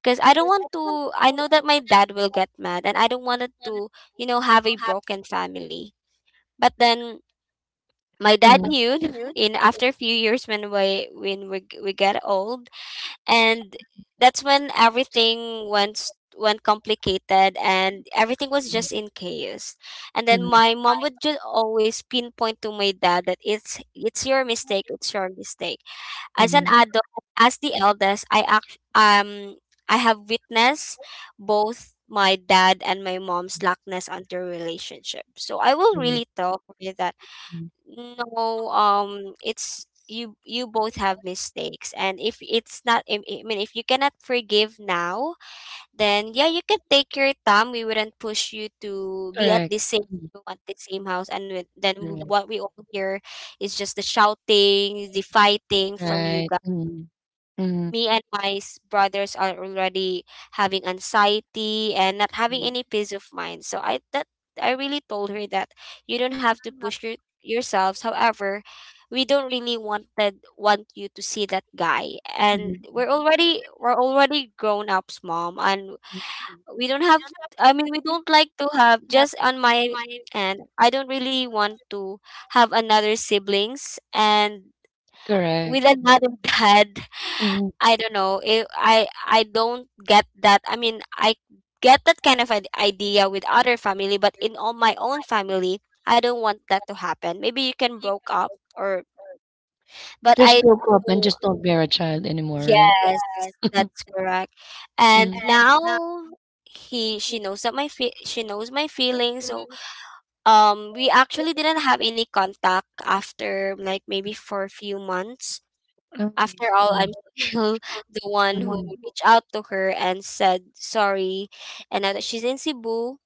[SPEAKER 2] because I don't want to, I know that my dad will get mad and I don't want it to, you know, have a broken family. But then my dad knew
[SPEAKER 1] Mm-hmm.
[SPEAKER 2] in after a few years when we get old. And that's when everything went went complicated and everything was just in chaos. And then my mom would just always pinpoint to my dad that it's your mistake, it's your mistake. As an adult, as the eldest, I have witnessed both my dad and my mom's lackness on their relationship. So I will really tell her that
[SPEAKER 1] Mm.
[SPEAKER 2] no, it's you, you both have mistakes, and if it's not, I mean, if you cannot forgive now, then yeah, you can take your time. We wouldn't push you to be at the
[SPEAKER 1] Correct.
[SPEAKER 2] same
[SPEAKER 1] Mhm.
[SPEAKER 2] room, at the same house. And then
[SPEAKER 1] Correct.
[SPEAKER 2] what we all hear is just the shouting, the fighting from you
[SPEAKER 1] Right.
[SPEAKER 2] guys.
[SPEAKER 1] Mm-hmm. Mm-hmm.
[SPEAKER 2] Me and my brothers are already having anxiety and not having any
[SPEAKER 1] Mm.
[SPEAKER 2] peace of mind. I really told her that you don't have to push your, yourselves. However, we don't really want you to see that guy. And
[SPEAKER 1] Mm,
[SPEAKER 2] we're already grown ups, mom, and we don't have, I mean, we don't like to have just on my, and I don't really want to have another siblings and with
[SPEAKER 1] correct.
[SPEAKER 2] another dad.
[SPEAKER 1] Mm-hmm.
[SPEAKER 2] I don't get that, I mean, I get that kind of idea with other family, but in all my own family, I don't want that to happen. Maybe you can broke up or, but
[SPEAKER 1] Just
[SPEAKER 2] I
[SPEAKER 1] broke
[SPEAKER 2] just
[SPEAKER 1] up and
[SPEAKER 2] don't-
[SPEAKER 1] just don't bear a child anymore, right?
[SPEAKER 2] Yes, that's correct. And
[SPEAKER 1] Mm-hmm.
[SPEAKER 2] now he she knows that my she knows my feelings. So, um, we actually didn't have any contact after like maybe for a few months.
[SPEAKER 1] Oh, I
[SPEAKER 2] After all,
[SPEAKER 1] see.
[SPEAKER 2] I'm still the one who reached out to her and said sorry. And now that she's in Cebu,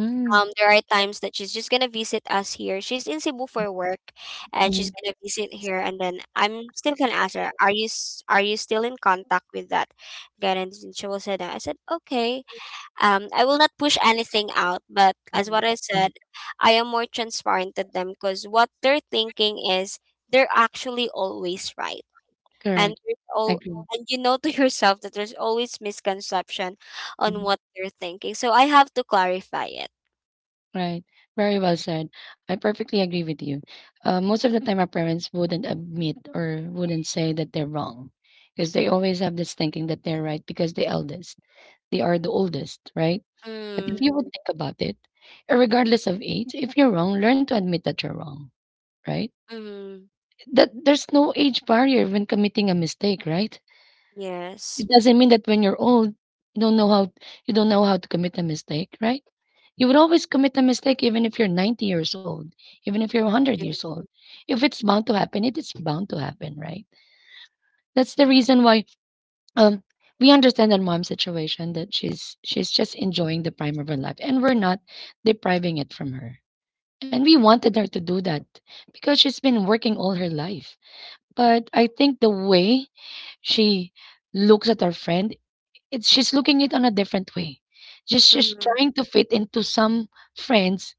[SPEAKER 1] Mm,
[SPEAKER 2] there are times that she's just gonna visit us here. She's in Cebu for work, and she's
[SPEAKER 1] mm,
[SPEAKER 2] gonna visit here. And then I'm still gonna ask her, "Are you are you still in contact with that guy?" And she will say that. I said, "Okay." I will not push anything out, but as what I said, I am more transparent to them because what they're thinking is they're actually always right. And
[SPEAKER 1] correct.
[SPEAKER 2] there's all,
[SPEAKER 1] Agree.
[SPEAKER 2] and you know to yourself that there's always misconception on
[SPEAKER 1] Mhm.
[SPEAKER 2] what they're thinking. So I have to clarify it.
[SPEAKER 1] Right. Very well said. I perfectly agree with you. Most of the time, our parents wouldn't admit or wouldn't say that they're wrong because they always have this thinking that they're right because the eldest, they are the oldest, right? But if you
[SPEAKER 2] Mm,
[SPEAKER 1] would think about it, regardless of age, if you're wrong, learn to admit that you're wrong, right?
[SPEAKER 2] mm-hmm.
[SPEAKER 1] That there's no age barrier when committing a mistake, right?
[SPEAKER 2] Yes.
[SPEAKER 1] It doesn't mean that when you're old, you don't know how you don't know how to commit a mistake, right? You would always commit a mistake even if you're 90 years old, even if you're 100 years old.
[SPEAKER 2] Hmm.
[SPEAKER 1] If it's bound to happen, it is bound to happen, right? That's the reason why um we understand that mom's situation that she's just enjoying the prime of her life and we're not depriving it from her. And we wanted her to do that because she's been working all her life. But I think the way she looks at her friend it's she's looking it on a different way. Just she's
[SPEAKER 2] Mm-hmm.
[SPEAKER 1] trying to fit into some friends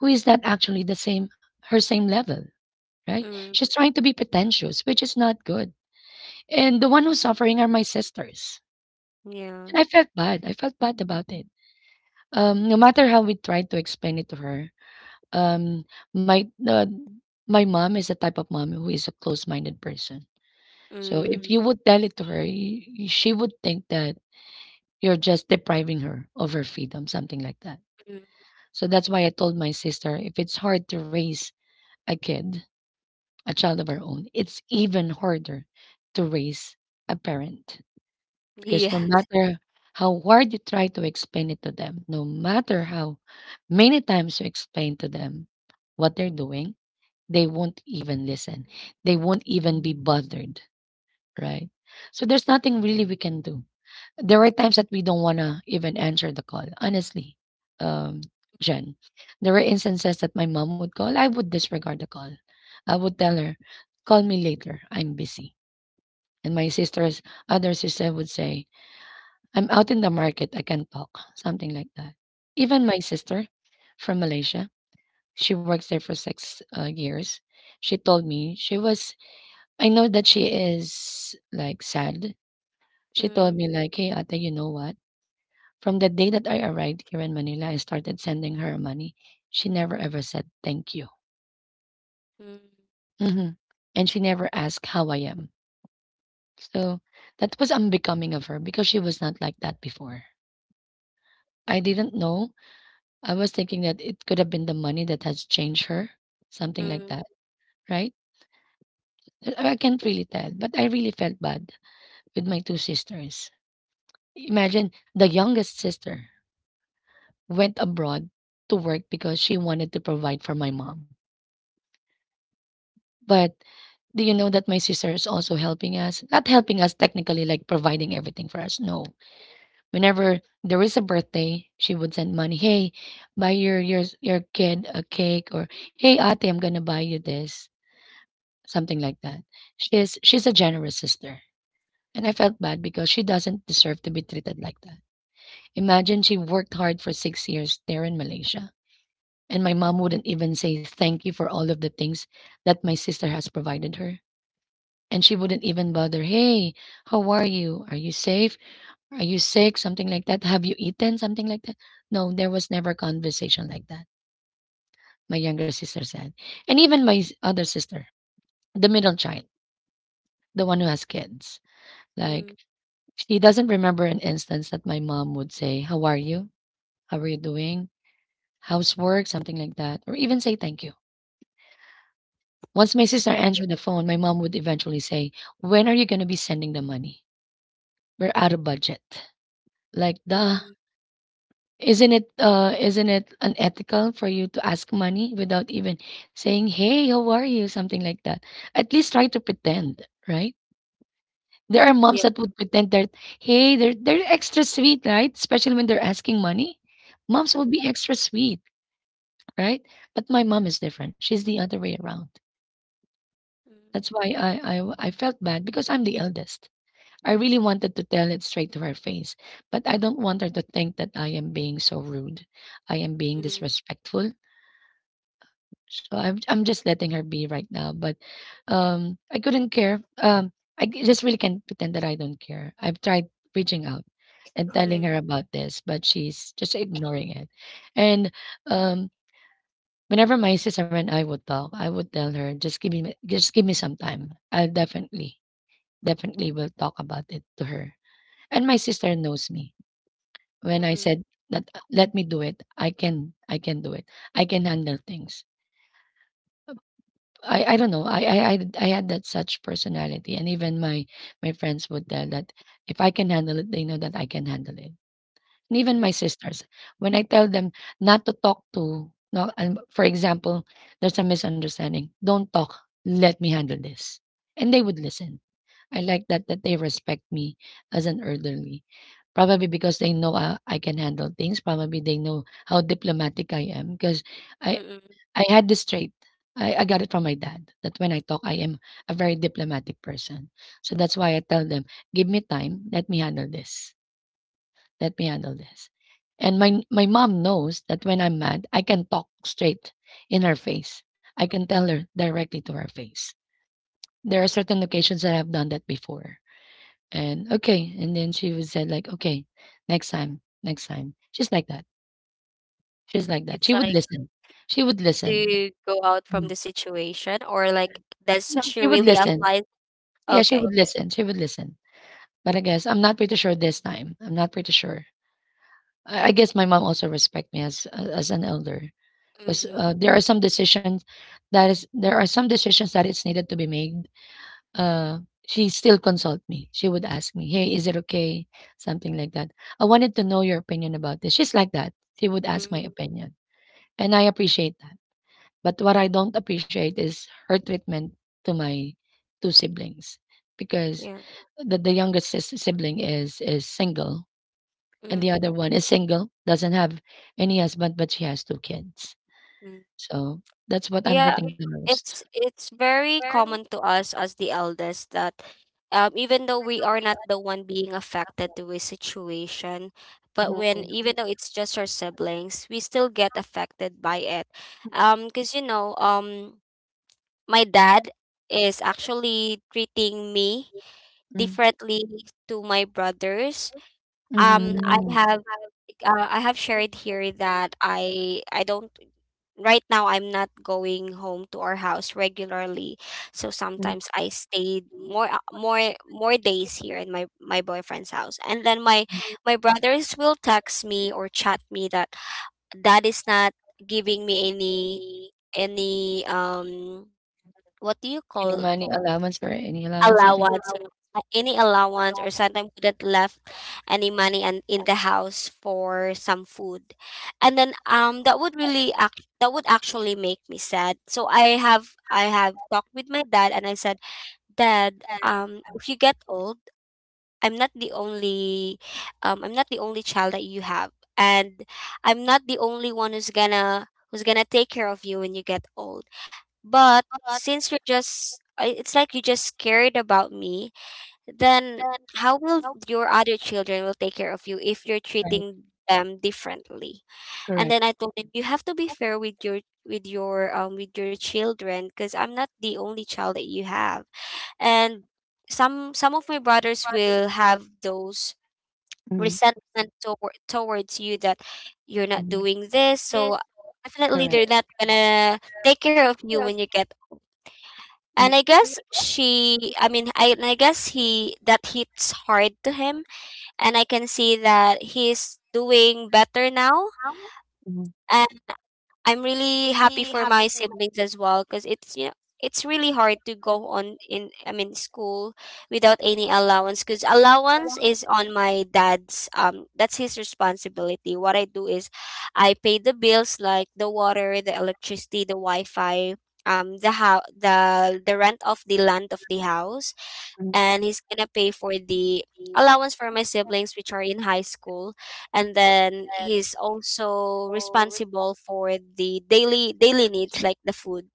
[SPEAKER 1] who is not actually the same her same level, right?
[SPEAKER 2] Mm,
[SPEAKER 1] She's trying to be pretentious, which is not good. And the one who's suffering are my sisters.
[SPEAKER 2] yeah.
[SPEAKER 1] And I felt bad. I felt bad about it. No matter how we tried to explain it to her, um, my uh, my mom is a type of mom who is a close-minded person. So
[SPEAKER 2] Mm,
[SPEAKER 1] if you would tell it to her, she would think that you're just depriving her of her freedom, something like that.
[SPEAKER 2] hmm,
[SPEAKER 1] So that's why I told my sister if it's hard to raise a kid, a child of our own, it's even harder to raise a parent. Because
[SPEAKER 2] yeah.
[SPEAKER 1] no matter how hard you try to explain it to them, no matter how many times you explain to them what they're doing, they won't even listen. They won't even be bothered, right? So there's nothing really we can do. There were times that we don't wanna even answer the call, honestly, um, Jen. There were instances that my mom would call, I would disregard the call. I would tell her, "Call me later, I'm busy." And my
[SPEAKER 2] Mm,
[SPEAKER 1] sister's other sister would say, "I'm out in the market, I can't talk," something like that. Even my sister from Malaysia, she works there for six years. She told me she was, I know that she is like sad. She told
[SPEAKER 2] mm,
[SPEAKER 1] me like, "Hey, Ate, you know what? From the day that I arrived here in Manila and started sending her money, she never ever said thank you.
[SPEAKER 2] mm,
[SPEAKER 1] Hmm. And she never asked how I am. So that was unbecoming of her because she was not like that before. I didn't know. I was thinking that it could have been the money that has changed her, something like
[SPEAKER 2] hmm,
[SPEAKER 1] that, right? I can't really tell, but I really felt bad with my two sisters. Imagine the youngest sister went abroad to work because she wanted to provide for my mom. But do you know that my sister is also helping us? Not helping us technically, like providing everything for us. No. Whenever there is a birthday, she would send money. Hey, buy your kid a cake, or hey, Ate, I'm gonna buy you this, something like that. She's a generous sister, and I felt bad because she doesn't deserve to be treated like that. Imagine she worked hard for 6 years there in Malaysia, and my mom wouldn't even say thank you for all of the things that my sister has provided her. And she wouldn't even bother, "Hey, how are you? Are you safe? Are you sick?" Something like that. "Have you eaten?" Something like that. No, there was never a conversation like that, my younger sister said. And even my other sister, the middle child, the one who has kids.
[SPEAKER 2] mm,
[SPEAKER 1] Like, she doesn't remember an instance that my mom would say, how are you? How are you doing? Housework, something like that, or even say thank you. Once my sister answered the phone, my mom would eventually say, when are you going to be sending the money? We're out of budget. Like, duh.
[SPEAKER 2] mm,
[SPEAKER 1] Isn't it unethical for you to ask money without even saying, "Hey, how are you?" something like that. At least try to pretend, right? There are moms
[SPEAKER 2] yeah.
[SPEAKER 1] that would pretend that, "Hey, they're extra sweet, right?" Especially when they're asking money. Moms will be extra sweet, right? But my mom is different. She's the other way around.
[SPEAKER 2] Mm,
[SPEAKER 1] That's why I felt bad because I'm the eldest. I really wanted to tell it straight to her face, but I don't want her to think that I am being so rude. I am being
[SPEAKER 2] mm,
[SPEAKER 1] disrespectful. So I'm just letting her be right now, but I couldn't care. I just really can't pretend that I don't care. I've tried reaching out and telling
[SPEAKER 2] mm,
[SPEAKER 1] her about this, but she's just ignoring it. And um whenever my sister and I would talk, I would tell her just give me some time. I'll definitely will talk about it to her. And my sister knows me. When I
[SPEAKER 2] hmm,
[SPEAKER 1] said that let me do it, I can do it. I can handle things. I don't know. I had that such personality, and even my friends would tell that if I can handle it, they know that I can handle it. And even
[SPEAKER 2] mm,
[SPEAKER 1] my sisters, when I tell them not to talk to, no, and for example, there's a misunderstanding. Don't talk. Let me handle this, and they would listen. I like that they respect me as an elderly, probably because they know I can handle things. Probably they know how diplomatic I am because I
[SPEAKER 2] hmm.
[SPEAKER 1] I had this trait. I got it from my dad that when I talk, I am a very diplomatic person. So that's why I tell them, give me time, let me handle this, let me handle this. And my mom knows that when I'm mad, I can talk straight in her face. I can tell her directly to her face. There are certain occasions that I've done that before. And okay, and then she would say like, okay, next time, next time. She's like that. She's like that.
[SPEAKER 2] It's
[SPEAKER 1] She would
[SPEAKER 2] like
[SPEAKER 1] listen. She would listen.
[SPEAKER 2] to go out
[SPEAKER 1] Mm.
[SPEAKER 2] from the situation, or like does
[SPEAKER 1] No,
[SPEAKER 2] she
[SPEAKER 1] she would
[SPEAKER 2] really
[SPEAKER 1] listen.
[SPEAKER 2] apply?
[SPEAKER 1] Yeah, she
[SPEAKER 2] Okay.
[SPEAKER 1] would listen. She would listen. But I guess I'm not pretty sure this time. I'm not pretty sure. I guess my mom also respect me as an elder because
[SPEAKER 2] Mm-hmm.
[SPEAKER 1] there are some decisions that is there are some decisions that is needed to be made. Uh, she still consult me. She would ask me, "Hey, is it okay?" Something like that. I wanted to know your opinion about this. She's like that. She would ask
[SPEAKER 2] Mm-hmm,
[SPEAKER 1] my opinion, and I appreciate that. But what I don't appreciate is her treatment to my two siblings because
[SPEAKER 2] yeah.
[SPEAKER 1] the youngest sibling is single and the
[SPEAKER 2] Mm-hmm.
[SPEAKER 1] other one is single, doesn't have any husband, but she has two kids. So that's what I'm
[SPEAKER 2] Yeah,
[SPEAKER 1] hurting the most.
[SPEAKER 2] it's very common to us as the eldest that, um, even though we are not the one being affected to a situation, but when even though it's just our siblings, we still get affected by it. Because you know, um, my dad is actually treating me
[SPEAKER 1] Mm-hmm.
[SPEAKER 2] differently to my brothers. Um,
[SPEAKER 1] Mm-hmm.
[SPEAKER 2] I have I have shared here that I don't right now I'm not going home to our house regularly. So sometimes I stayed more, more days here in my boyfriend's house. And then my brothers will text me or chat me that that is not giving me any what do you
[SPEAKER 1] Any
[SPEAKER 2] call
[SPEAKER 1] money allowance or any allowance, something like
[SPEAKER 2] allowance,
[SPEAKER 1] that.
[SPEAKER 2] any allowance, or sometimes wouldn't left any money and in the house for some food. And then that would really act, that would actually make me sad. So I have talked with my dad and I said, Dad, um, if you get old, I'm not the only I'm not the only child that you have, and I'm not the only one who's gonna take care of you when you get old. But since you're just, I- it's like you just cared about me, then how will your other children will take care of you if you're
[SPEAKER 1] Right.
[SPEAKER 2] treating them differently? And
[SPEAKER 1] Correct.
[SPEAKER 2] then I told him, you have to be fair with your with your children, because I'm not the only child that you have. And some of my brothers will have those
[SPEAKER 1] Mm-hmm.
[SPEAKER 2] resentment towards you that you're not
[SPEAKER 1] Mm-hmm.
[SPEAKER 2] doing this, so definitely they're
[SPEAKER 1] Correct.
[SPEAKER 2] not gonna take care of you when you get. And I guess I guess he, that hits hard to him. And I can see that he's doing better now.
[SPEAKER 1] Mm-hmm.
[SPEAKER 2] I'm really happy for my siblings as well because it's, you know, it's really hard to go on in, I mean, school without any allowance, because allowance is on my dad's, um, that's his responsibility. What I do is I pay the bills, like the water, the electricity, the Wi-Fi, um, the how the rent of the land of the house.
[SPEAKER 1] Mm-hmm.
[SPEAKER 2] And he's gonna pay for the allowance for my siblings which are in high school, and then he's also responsible for the daily daily needs like the food.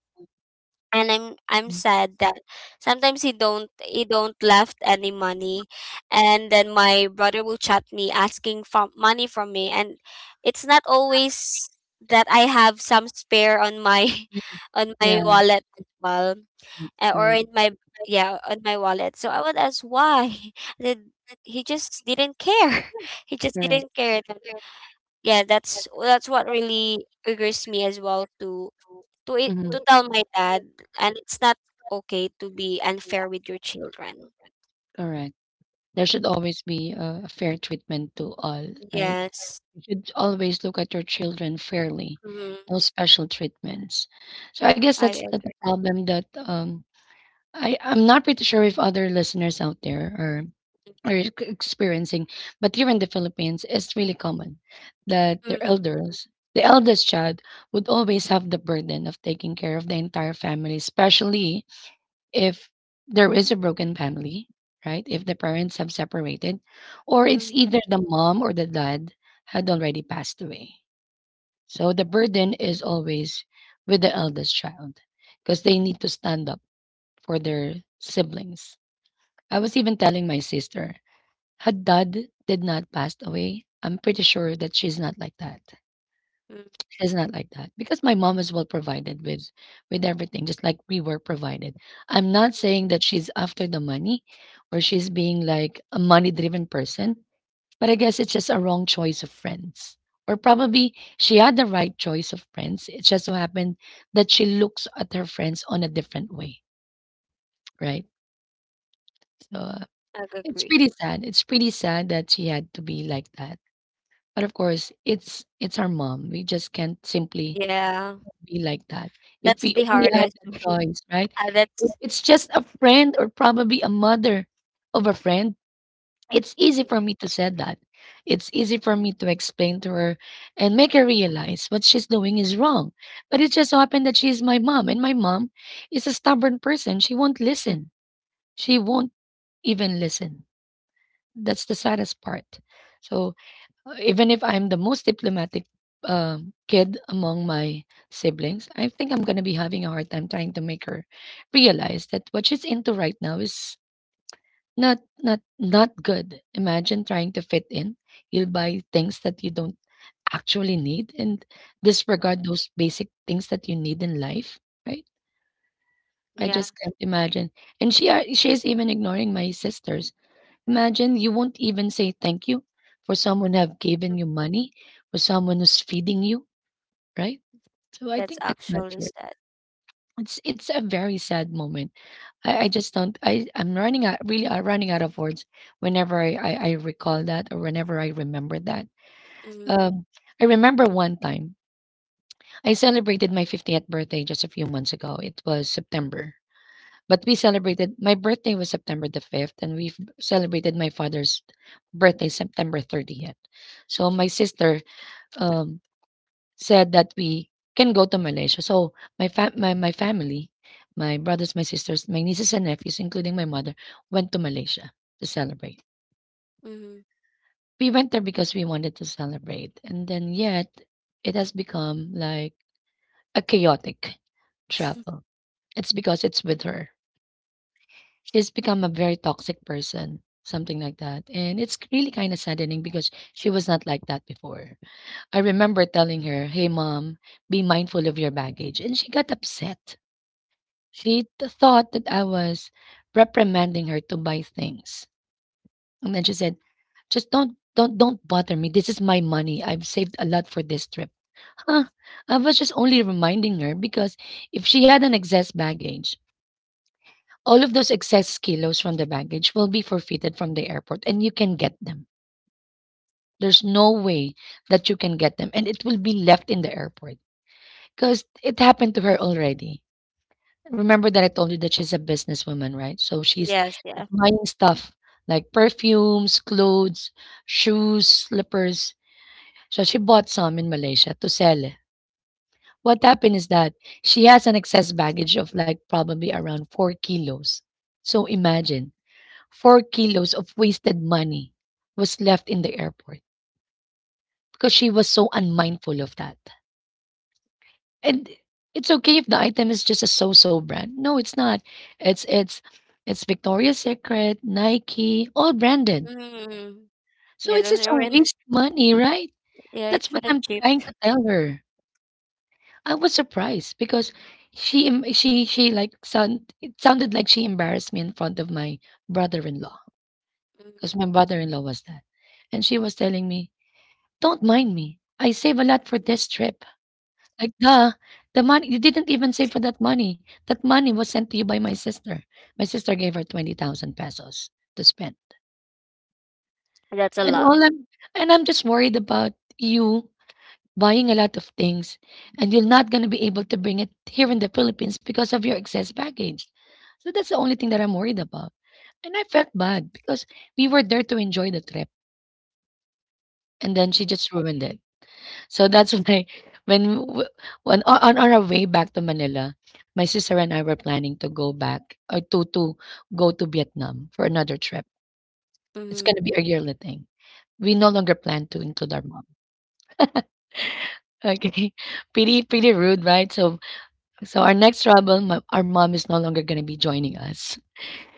[SPEAKER 2] And I'm sad that sometimes he don't left any money, and then my brother will chat me asking for money from me. And it's not always that I have some spare on my on my
[SPEAKER 1] Yeah.
[SPEAKER 2] wallet as well, or
[SPEAKER 1] Right.
[SPEAKER 2] in my, yeah, on my wallet. So I would ask why. Then he just didn't care. He just
[SPEAKER 1] Correct.
[SPEAKER 2] didn't care. Yeah, that's what really triggers me as well to it to
[SPEAKER 1] Mm-hmm.
[SPEAKER 2] tell my dad. And it's not okay to be unfair with your children.
[SPEAKER 1] Correct. There should always be a fair treatment to all, right?
[SPEAKER 2] Yes.
[SPEAKER 1] You should always look at your children fairly,
[SPEAKER 2] Mm-hmm.
[SPEAKER 1] no special treatments. So I guess
[SPEAKER 2] I
[SPEAKER 1] that's the
[SPEAKER 2] agree.
[SPEAKER 1] the problem that I'm not pretty sure if other listeners out there are experiencing, but here in the Philippines, it's really common that the
[SPEAKER 2] Mm-hmm.
[SPEAKER 1] elders. The eldest child would always have the burden of taking care of the entire family, especially if there is a broken family, right? If the parents have separated, or it's
[SPEAKER 2] Mm-hmm.
[SPEAKER 1] either the mom or the dad had already passed away. So the burden is always with the eldest child because they need to stand up for their siblings. I was even telling my sister, her dad did not pass away. I'm pretty sure that she's not like that.
[SPEAKER 2] Mm-hmm.
[SPEAKER 1] It's not like that because my mom is well provided with everything, just like we were provided. I'm not saying that she's after the money or she's being like a money driven person, but I guess it's just a wrong choice of friends. Or probably she had the right choice of friends. It just so happened that she looks at her friends on a different way, right? So
[SPEAKER 2] I
[SPEAKER 1] it's
[SPEAKER 2] agree.
[SPEAKER 1] pretty sad. It's pretty sad that she had to be like that. But of course, it's our mom. We just can't simply
[SPEAKER 2] Yeah,
[SPEAKER 1] be like that if
[SPEAKER 2] that's
[SPEAKER 1] we
[SPEAKER 2] the
[SPEAKER 1] only had
[SPEAKER 2] hardest
[SPEAKER 1] the
[SPEAKER 2] way.
[SPEAKER 1] choice, right?
[SPEAKER 2] Ah,
[SPEAKER 1] If
[SPEAKER 2] that's
[SPEAKER 1] it's just a friend or probably a mother of a friend, it's easy for me to say that. It's easy for me to explain to her and make her realize what she's doing is wrong. But it just so happened that she's my mom, and my mom is a stubborn person. She won't listen. She won't even listen. That's the saddest part. So even if I'm the most diplomatic kid among my siblings, I think I'm gonna be having a hard time trying to make her realize that what she's into right now is not not good. Imagine trying to fit in. You'll buy things that you don't actually need and
[SPEAKER 2] mm,
[SPEAKER 1] disregard those basic things that you need in life, right? I
[SPEAKER 2] yeah,
[SPEAKER 1] just can't imagine. And she is even ignoring my sisters. Imagine you won't even say thank you for someone who have given you money, for someone who's feeding you, right? So I
[SPEAKER 2] that's
[SPEAKER 1] think that's not
[SPEAKER 2] actually
[SPEAKER 1] fair.
[SPEAKER 2] sad.
[SPEAKER 1] It's a very sad moment. I just don't I, I'm running out really I'm running out of words whenever I recall that or whenever I remember that. Um I remember one time I celebrated my 50th birthday just a few months ago. It was September. But we celebrated, my birthday was September the 5th, and we have celebrated my father's birthday September 30th. So my sister um said that we can go to Malaysia. So my family, my brothers, my sisters, my nieces and nephews including my mother went to Malaysia to celebrate.
[SPEAKER 2] Mm-hmm.
[SPEAKER 1] We went there because we wanted to celebrate and then yet it has become like a chaotic travel. It's because it's with her. She's become a very toxic person, something like that. And it's really kind of saddening because she was not like that before. I remember telling her, hey, mom, be mindful of your baggage. And she got upset. Thought that I was reprimanding her to buy things. And then she said, just don't bother me. This is my money. I've saved a lot for this trip. Huh. I was just only reminding her because if she had an excess baggage, all of those excess kilos from the baggage will be forfeited from the airport and you can get them. There's no way that you can get them and it will be left in the airport because it happened to her already. Remember that I told you that she's a businesswoman, right? So she's
[SPEAKER 2] Yes, yeah.
[SPEAKER 1] buying stuff like perfumes, clothes, shoes, slippers. So she bought some in Malaysia to sell. What happened is that she has an excess baggage of like probably around 4 kilos. So imagine 4 kilos of wasted money was left in the airport because she was so unmindful of that. And it's okay if the item is just a so-so brand. No, it's not. It's it's it's Victoria's Secret, Nike, all branded.
[SPEAKER 2] Mm-hmm.
[SPEAKER 1] So
[SPEAKER 2] Yeah,
[SPEAKER 1] it's
[SPEAKER 2] those
[SPEAKER 1] just
[SPEAKER 2] are
[SPEAKER 1] a
[SPEAKER 2] when
[SPEAKER 1] waste money, right?
[SPEAKER 2] yeah,
[SPEAKER 1] That's
[SPEAKER 2] it's
[SPEAKER 1] what
[SPEAKER 2] not
[SPEAKER 1] I'm
[SPEAKER 2] cheap.
[SPEAKER 1] trying to tell her. I was surprised because she like sound it sounded like she embarrassed me in front of my brother-in-law
[SPEAKER 2] Mm.
[SPEAKER 1] because my brother-in-law was that, and she was telling me, don't mind me. I save a lot for this trip. Like, duh, the money, you didn't even save for that money. That money was sent to you by my sister. My sister gave her 20,000 pesos to spend.
[SPEAKER 2] That's a
[SPEAKER 1] And
[SPEAKER 2] lot.
[SPEAKER 1] all I'm, and I'm just worried about you buying a lot of things and you're not going to be able to bring it here in the Philippines because of your excess baggage. So that's the only thing that I'm worried about. And I felt bad because we were there to enjoy the trip and then she just ruined it. So that's why when w- when on our way back to Manila, my sister and I were planning to go back, or to go to Vietnam for another trip. It's
[SPEAKER 2] Mm-hmm.
[SPEAKER 1] gonna be a yearly thing. We no longer plan to include our mom. Okay, pretty rude, right? So our next trouble, our mom is no longer gonna be joining us.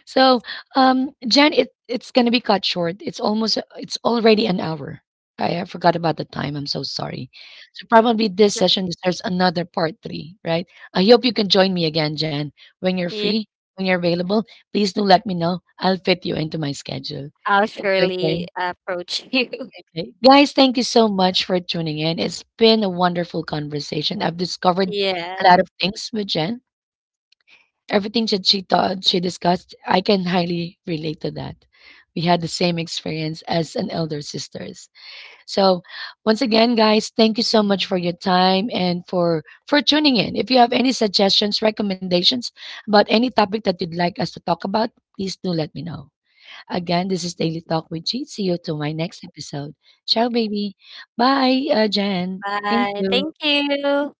[SPEAKER 1] So, Jen, it's gonna be cut short. It's almost, it's already an hour. I forgot about the time. I'm so sorry. So probably this session deserves another part three, right? I hope you can join me again, Jen, when you're
[SPEAKER 2] Yeah,
[SPEAKER 1] free, when you're available. Please do let me know. I'll fit you into my schedule.
[SPEAKER 2] I'll
[SPEAKER 1] Okay.
[SPEAKER 2] surely approach you.
[SPEAKER 1] Okay. Guys, thank you so much for tuning in. It's been a wonderful conversation. I've discovered a
[SPEAKER 2] Yeah.
[SPEAKER 1] lot of things with Jen. Everything that she thought she discussed, I can highly relate to that. We had the same experience as an elder sisters. So once again, guys, thank you so much for your time and for tuning in. If you have any suggestions, recommendations about any topic that you'd like us to talk about, please do let me know. Again, this is Daily Talk with G. See you to my next episode. Ciao, baby. Bye, Jan. Thank
[SPEAKER 2] Bye.
[SPEAKER 1] you.
[SPEAKER 2] Thank you.